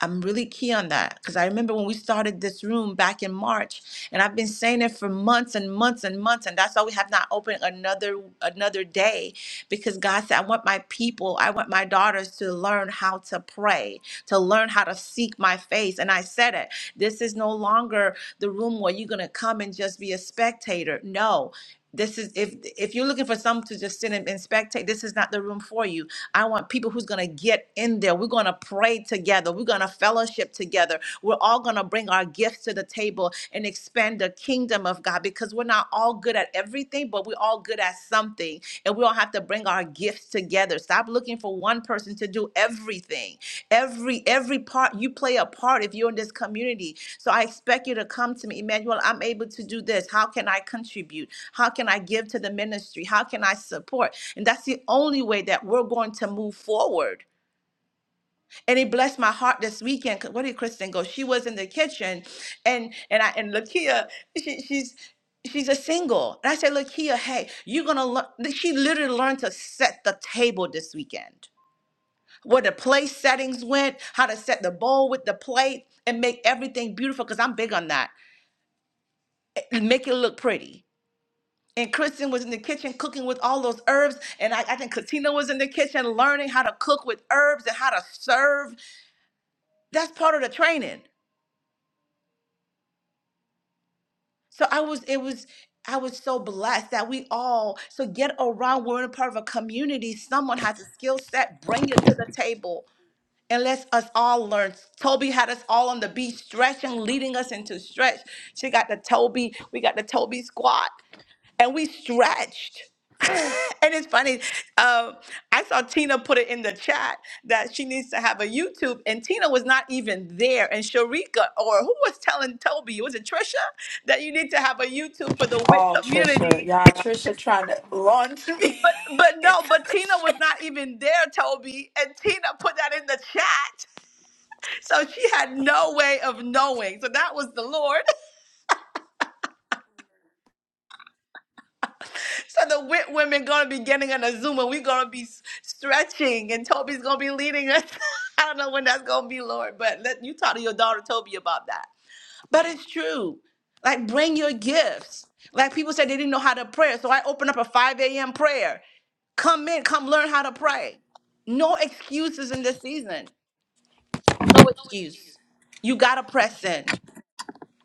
I'm really key on that because I remember when we started this room back in March, and I've been saying it for months and months and months, and that's why we have not opened another another day because God said, I want my people, I want my daughters to learn how to pray, to learn how to seek my face. And I said it. This is no longer the room where you're gonna come and just be a spectator. No this is if if you're looking for some to just sit and, and spectate this is not the room for you i want people who's going to get in there we're going to pray together we're going to fellowship together we're all going to bring our gifts to the table and expand the kingdom of god because we're not all good at everything but we're all good at something and we all have to bring bring our gifts together. Stop looking for one person to do everything. Every every part you play a part if you're in this community. So I expect you to come to me, Emmanuel. I'm able to do this. How can I contribute? How can I give to the ministry? How can I support? And that's the only way that we're going to move forward and it blessed my heart this weekend. 'cause Where did Kristen go? She was in the kitchen, and and I and Lakia, she, she's she's a single, and I said, Lakia, hey, you're gonna learn. She literally learned to set the table this weekend, where the place settings went, how to set the bowl with the plate, and make everything beautiful. Cause I'm big on that, and make it look pretty. And Kristen was in the kitchen cooking with all those herbs, and I, I think Katina was in the kitchen learning how to cook with herbs and how to serve. That's part of the training. So I was, it was, I was so blessed that we all, so get around, we're in a part of a community. Someone has a skill set, bring it to the table and let's all learn. Toby had us all on the beach stretching, leading us into stretch. She got the Toby, we got the Toby squat and we stretched. and it's funny. Um, I saw Tina put it in the chat that she needs to have a YouTube, and Tina was not even there. And Sharika, or who was telling Toby? Was it Trisha that you need to have a YouTube for the WIT Oh, Trisha. community? Y'all, Trisha trying to launch me. But but no, but Tina was not even there, Toby. And Tina put that in the chat, so she had no way of knowing. So that was the Lord. So the wit women gonna be getting on a Zoom and we gonna be s- stretching and Toby's gonna be leading us. I don't know when that's gonna be, Lord, but let you talk to your daughter Toby about that. But it's true. Like bring your gifts. Like people said they didn't know how to pray. So I opened up a 5 a.m. prayer. Come in, come learn how to pray. No excuses in this season. No excuse. You gotta press in.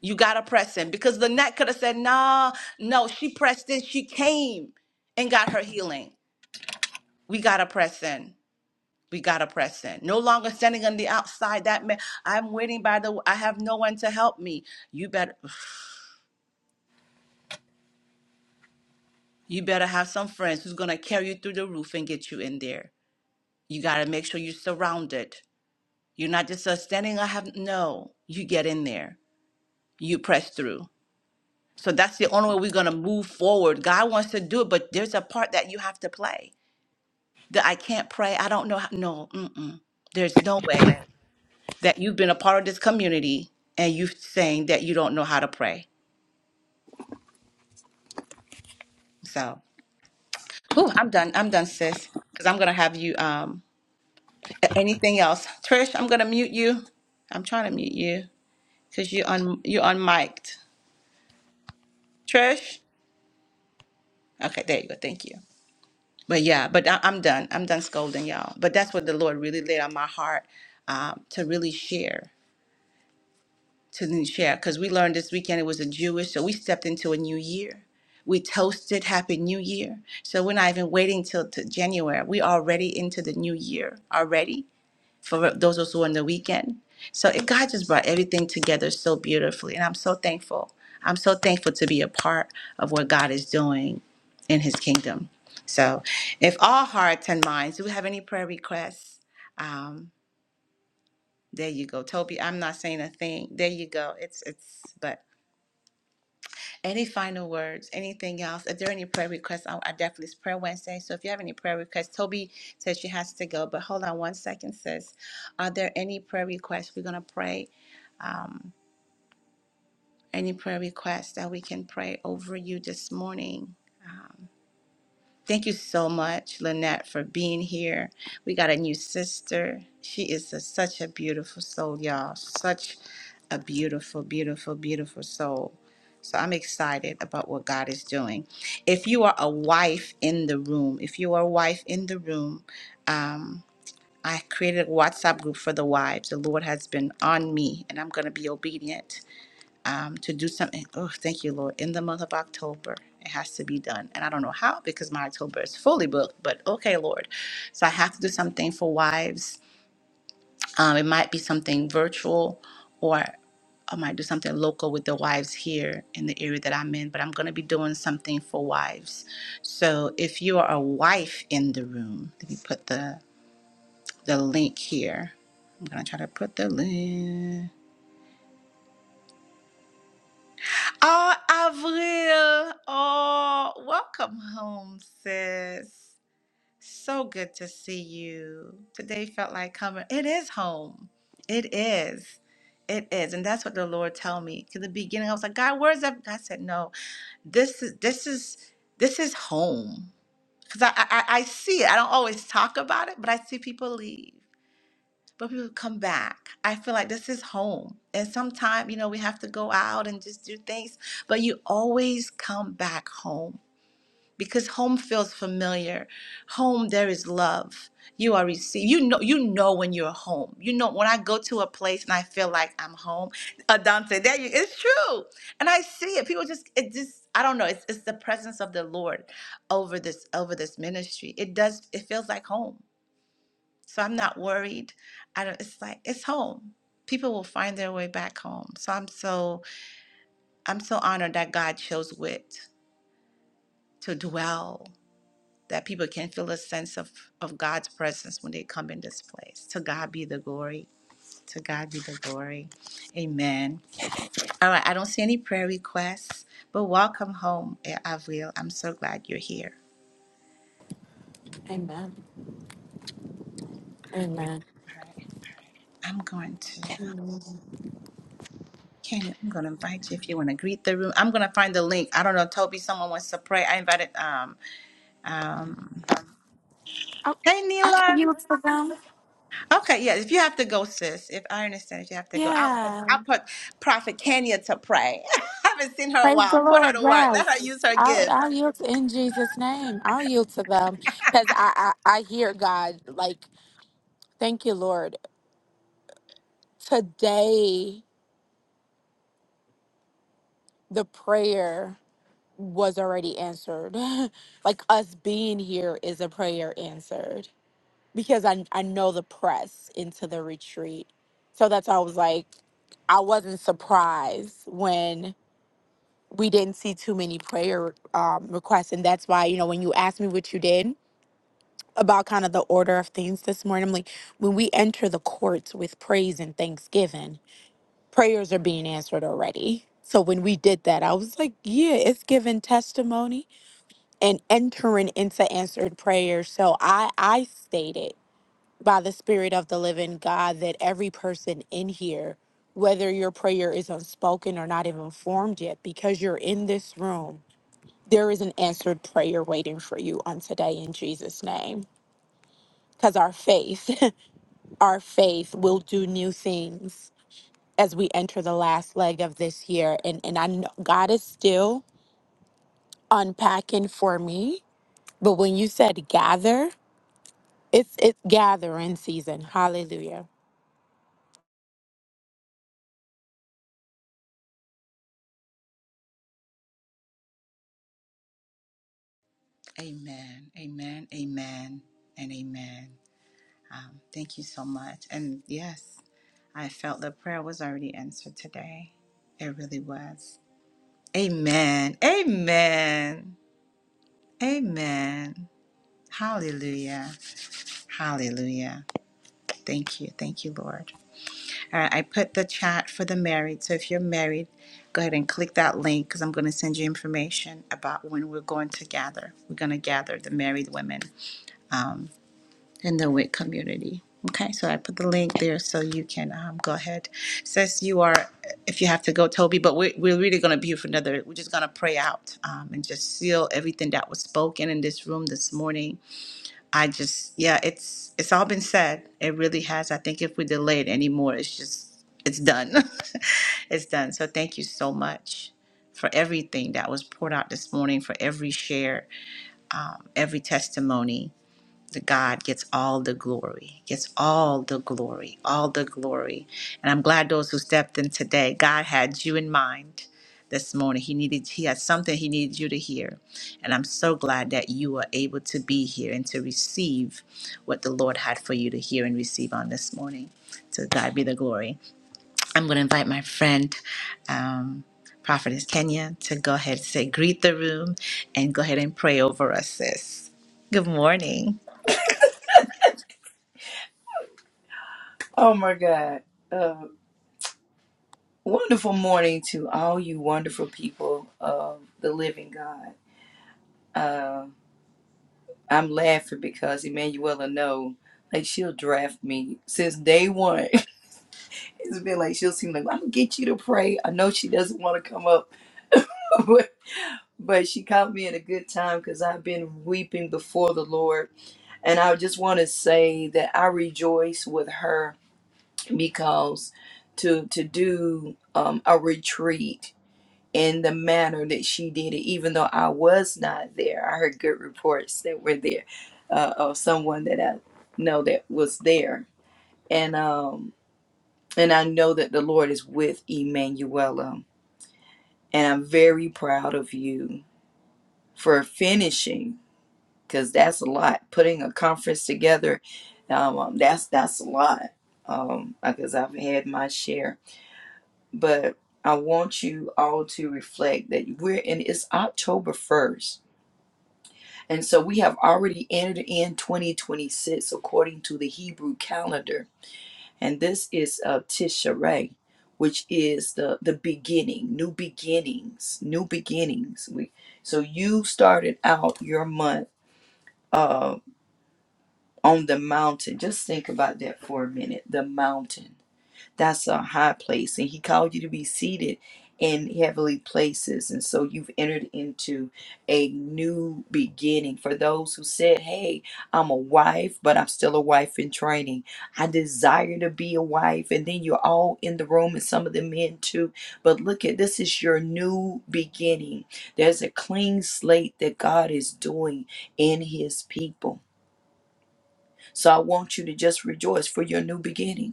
You gotta press in. Because Lynette could have said, nah, no, she pressed in, she came and got her healing. we gotta press in. We gotta press in. No longer standing on the outside. That man, I'm waiting by the. I have no one to help me. You better, you better have some friends who's gonna carry you through the roof and get you in there. You gotta make sure you're surrounded. You're not just uh, standing. I have no. You get in there. You press through. So that's the only way we're gonna move forward. God wants to do it, but there's a part that you have to play. That I can't pray. I don't know. How, no. Mm-mm. There's no way. that you've been a part of this community and you saying that you don't know how to pray. So, whew, I'm done. I'm done, sis. Because I'm gonna have you. Um, a- anything else, Trish? I'm gonna mute you. I'm trying to mute you because you un you unmiked. Trish. Okay, there you go. Thank you. But yeah, but I, I'm done. I'm done scolding y'all. But that's what the Lord really laid on my heart um, to really share. to the share because we learned this weekend it was a Jewish, so we stepped into a new year. We toasted Happy New Year. So we're not even waiting till to January. We're already into the new year already for those of us who are on the weekend. So it, God just brought everything together so beautifully. And I'm so thankful. I'm so thankful to be a part of what God is doing in his kingdom. So if all hearts and minds, do we have any prayer requests? Um, there you go. Toby, I'm not saying a thing. There you go. It's it's but Any final words? Anything else? If there are any prayer requests, I, I definitely it's Prayer Wednesday. So if you have any prayer requests, Toby says she has to go, but hold on one second, sis. Are there any prayer requests? We're gonna pray. Um, any prayer requests that we can pray over you this morning? Thank you so much, Lynette, for being here. We got a new sister. She is a, such a beautiful soul, y'all. Such a beautiful, beautiful, beautiful soul. So I'm excited about what God is doing. If you are a wife in the room, if you are a wife in the room, I created a WhatsApp group for the wives. The Lord has been on me, and I'm going to be obedient to do something. Oh, thank you, Lord. In the month of October, it has to be done. And I don't know how because my October is fully booked, but okay, Lord. So I have to do something for wives. Um, it might be something virtual or I might do something local with the wives here in the area that I'm in, but I'm going to be doing something for wives. So if you are a wife in the room, let me put the, the link here. I'm going to try to put the link. Oh, Avril. Oh, welcome home, sis. So good to see you. Today felt like coming. It is home. It is. It is. And that's what the Lord told me. To the beginning, I was like, God, where's that? God said, No, this is this is this is home. Because I, I I I see it. I don't always talk about it, but I see people leave but people come back. I feel like this is home. And sometimes, you know, we have to go out and just do things, but you always come back home because home feels familiar. Home there is love. You are received. You know you know when you're home. You know when I go to a place and I feel like I'm home. Adante, there you it's true. And I see it. People just it just I don't know. It's it's the presence of the Lord over this over this ministry. It does it feels like home so I'm not worried. I don't, it's like it's home. People will find their way back home. So I'm so I'm so honored that God chose wit to dwell, that people can feel a sense of of God's presence when they come in this place. To God be the glory. To God be the glory. Amen. All right, I don't see any prayer requests, but welcome home, eh, Avril. I'm so glad you're here. Amen. Amen. I'm going to Ken, I'm gonna invite you if you wanna greet the room. I'm gonna find the link. I don't know, Toby, someone wants to pray. I invited um Um, Oh, hey I can Nila. yield to them. Okay, yeah. If you have to go, sis. If I understand, if you have to go, I'll put Yeah. I'll put Prophet Kenya to pray. I haven't seen her in a Praise while. the Put her Lord. to work. Let her Yes. use her I'll, gift. I'll yield to, in Jesus' name. I'll yield to them because I, I, I hear God like, thank you, Lord. Today, the prayer was already answered. like us being here is a prayer answered. because I I know the press into the retreat. So that's why I was like, I wasn't surprised when we didn't see too many prayer um, requests, and that's why you know when you asked me what you did about kind of the order of things this morning, I'm like when we enter the courts with praise and thanksgiving, prayers are being answered already. So when we did that, I was like, yeah, it's giving testimony and entering into answered prayer. So I I stated by the Spirit of the living God that every person in here, whether your prayer is unspoken or not even formed yet, because you're in this room, there is an answered prayer waiting for you on today in Jesus' name. Because our faith, our faith will do new things as we enter the last leg of this year. And, and I know God is still unpacking for me. But when you said gather, it's it's gathering season. Hallelujah. Amen. Amen. Amen. And amen. Um, thank you so much. And yes, I felt the prayer was already answered today. It really was. Amen. Amen. Amen. Hallelujah. Hallelujah. Thank you. Thank you, Lord. All right, I put the chat for the married. So if you're married, go ahead and click that link because I'm going to send you information about when we're going to gather. We're going to gather the married women um, in the WIC community. Okay, so I put the link there so you can um, go ahead. It Says you are, if you have to go, Toby, but we're, we're really going to be here for another, we're just going to pray out um, and just seal everything that was spoken in this room this morning I just, yeah, it's it's all been said. It really has. I think if we delay it anymore, it's just it's done. it's done. So thank you so much for everything that was poured out this morning, for every share, every testimony. The God gets all the glory. Gets all the glory, all the glory. And I'm glad those who stepped in today, God had you in mind this morning. He needed he had something he needed you to hear. And I'm so glad that you are able to be here and to receive what the Lord had for you to hear and receive on this morning. To God be the glory. I'm going to invite my friend um Prophetess Kenya to go ahead and say greet the room and go ahead and pray over us, sis. Good morning. Oh my God. Uh, wonderful morning to all you wonderful people of the living God. Uh, I'm laughing because Emanuela know, like she'll draft me since day one. it's been like she'll seem like I'm gonna get you to pray. I know she doesn't want to come up, but but she caught me at a good time because I've been weeping before the Lord, and I just want to say that I rejoice with her because to to do um, a retreat in the manner that she did it, even though I was not there. I heard good reports that were there uh, of someone that I know that was there, and um, and I know that the Lord is with Emanuela, and I'm very proud of you for finishing because that's a lot. Putting a conference together, um, um, that's that's a lot um, because I've had my share, but. I want you all to reflect that we're in it's October 1st And so we have already entered in 2026 according to the Hebrew calendar. And this is uh, Tishrei, which is the, the beginning, new beginnings, new beginnings. We, so you started out your month uh, on the mountain. Just think about that for a minute the mountain. That's a high place. And he called you to be seated in heavenly places. And so you've entered into a new beginning. For those who said, Hey, I'm a wife, but I'm still a wife in training. I desire to be a wife. And then you're all in the room, and some of the men too. But look at this is your new beginning. There's a clean slate that God is doing in his people. So I want you to just rejoice for your new beginning.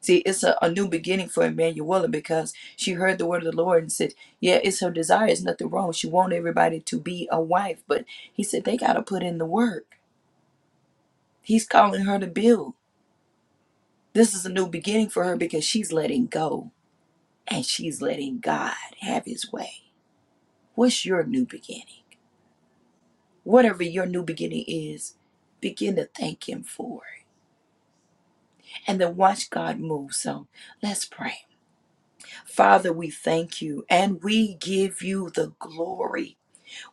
See, it's a, a new beginning for Emanuela because she heard the word of the Lord and said, Yeah, it's her desire. It's nothing wrong. She wants everybody to be a wife. But he said, They got to put in the work. He's calling her to build. This is a new beginning for her because she's letting go and she's letting God have his way. What's your new beginning? Whatever your new beginning is, begin to thank him for it and then watch God move. So let's pray. Father, we thank you and we give you the glory.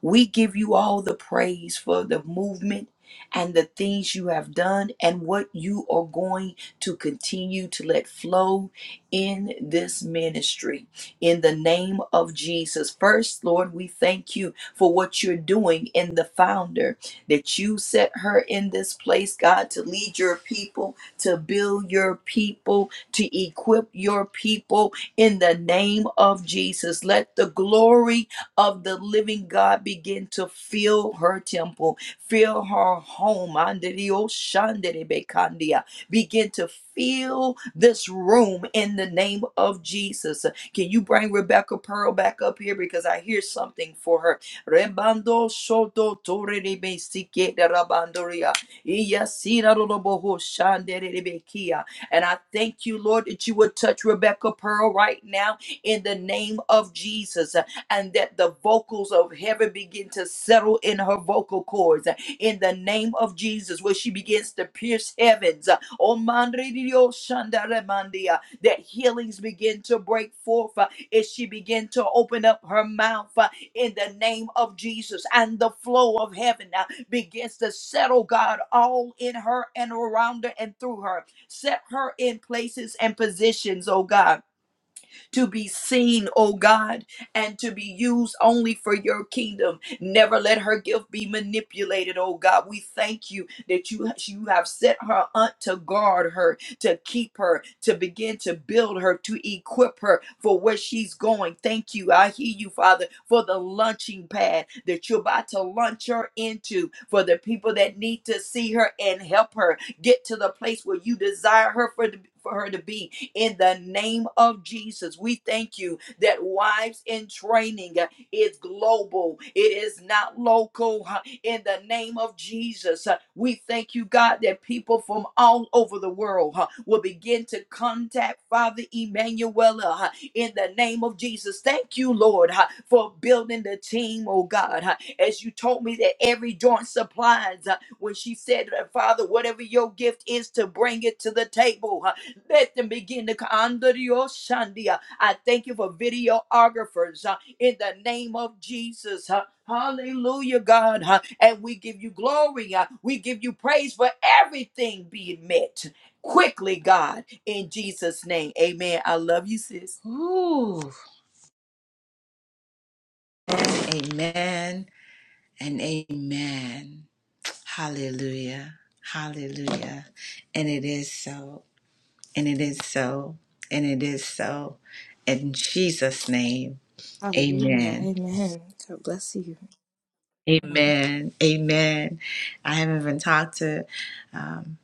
We give you all the praise for the movement and the things you have done and what you are going to continue to let flow in this ministry. In the name of Jesus. First, Lord, we thank you for what you're doing in the founder, that you set her in this place, God, to lead your people, to build your people, to equip your people in the name of Jesus. Let the glory of the living God begin to fill her temple, fill her home. Andirioshanderebekandia. Begin to fill this room in the name of Jesus. Can you bring Rebecca Pearl back up here? Because I hear something for her. Rebando Soto Torerebe Siketa Rabandoria. Iyasira Rodoboho Shanderebekia. And I thank you, Lord, that you would touch Rebecca Pearl right now in the name of Jesus and that the vocals of heaven begin to settle in her vocal cords uh, in the name of Jesus, where she begins to pierce heavens. uh, Oh, mandri di Dio, shanda remandi, uh, That healings begin to break forth uh, as she begin to open up her mouth uh, in the name of Jesus, and the flow of heaven uh, begins to settle, God, all in her and around her and through her. Set her in places and positions, oh God to be seen, oh God, and to be used only for your kingdom. Never let her gift be manipulated, oh God. We thank you that you, you have set her aunt to guard her, to keep her, to begin to build her, to equip her for where she's going. Thank you. I hear you, Father, for the launching pad that you're about to launch her into for the people that need to see her and help her get to the place where you desire her for, for her to be in the name of Jesus. We thank you that wives in training uh, is global, it is not local. huh, In the name of Jesus, Uh, we thank you, God, that people from all over the world huh, will begin to contact Father Emanuela huh, in the name of Jesus. Thank you, Lord, huh, for building the team, oh God. huh. As you told me that every joint supplies, uh, when she said, Father, whatever your gift is, to bring it to the table. huh, let them begin to under your Shandia. I thank you for videographers uh, in the name of Jesus. uh, Hallelujah, God. uh, And we give you glory. uh, We give you praise for everything being met quickly, God, in Jesus' name. Amen. I love you, sis. Ooh, Amen and amen. Hallelujah. Hallelujah. And it is so. And it is so. And it is so. In Jesus' name, Hallelujah. amen. Amen. Amen. God bless you. Amen. I haven't even talked to um,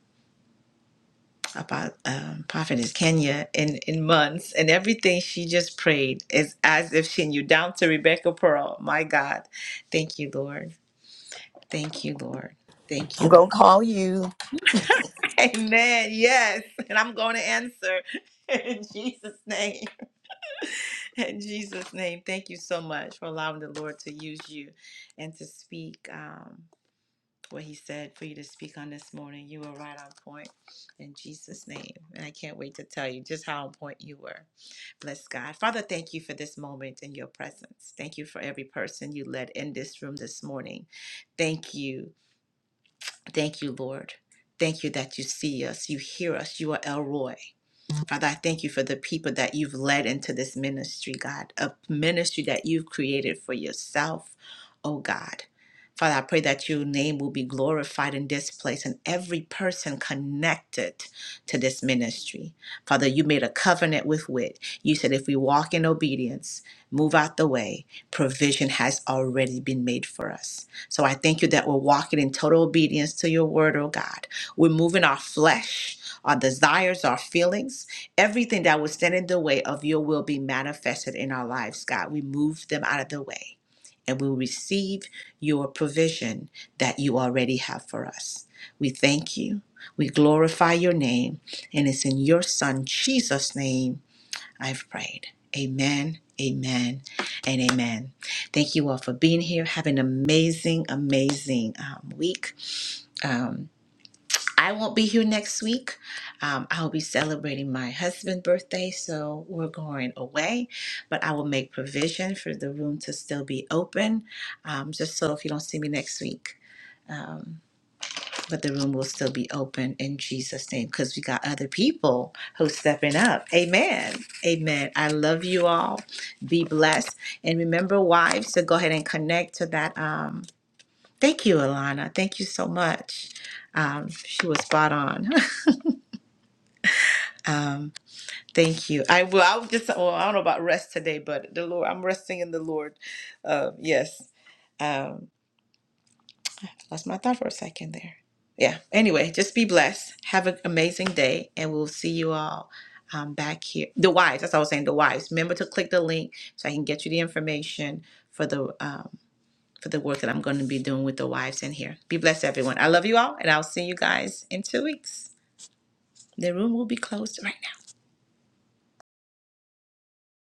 about um, Prophetess Kenya in, in months, and everything she just prayed is as if she knew down to Rebecca Pearl. My God. Thank you, Lord. Thank you, Lord. Thank I'm you. gonna call you. Amen. Yes. And I'm going to answer in Jesus' name. In Jesus' name, thank you so much for allowing the Lord to use you and to speak um, what He said for you to speak on this morning. You were right on point in Jesus' name. And I can't wait to tell you just how on point you were. Bless God. Father, thank you for this moment in your presence. Thank you for every person you led in this room this morning. Thank you. Thank you, Lord. Thank you that you see us, you hear us, you are Elroy. Father, I thank you for the people that you've led into this ministry, God, a ministry that you've created for yourself, oh God. Father, I pray that your name will be glorified in this place and every person connected to this ministry. Father, you made a covenant with wit. You said if we walk in obedience, move out the way, provision has already been made for us. So I thank you that we're walking in total obedience to your word, oh God. We're moving our flesh, our desires, our feelings, everything that would stand in the way of your will be manifested in our lives, God. We move them out of the way and we'll receive your provision that you already have for us. We thank you. We glorify your name. And it's in your Son, Jesus' name, I've prayed. Amen, amen, and amen. Thank you all for being here. Have an amazing, amazing um, week. Um, I won't be here next week. Um, I'll be celebrating my husband's birthday, so we're going away. But I will make provision for the room to still be open, um, just so if you don't see me next week, but the room will still be open in Jesus' name because we got other people who's stepping up. Amen. Amen. I love you all. Be blessed. And remember, wives, to go ahead and connect to that. Um, thank you, Alana. Thank you so much. Um, she was spot on. Thank you. I will. I'll just. Well, I don't know about rest today, but the Lord. I'm resting in the Lord. Uh, yes. Lost my thought for a second there. Yeah. Anyway, just be blessed. Have an amazing day, and we'll see you all um, back here. The wives. That's what I was saying. The wives. Remember to click the link so I can get you the information for the um, for the work that I'm going to be doing with the wives in here. Be blessed, everyone. I love you all, and I'll see you guys in two weeks. The room will be closed right now.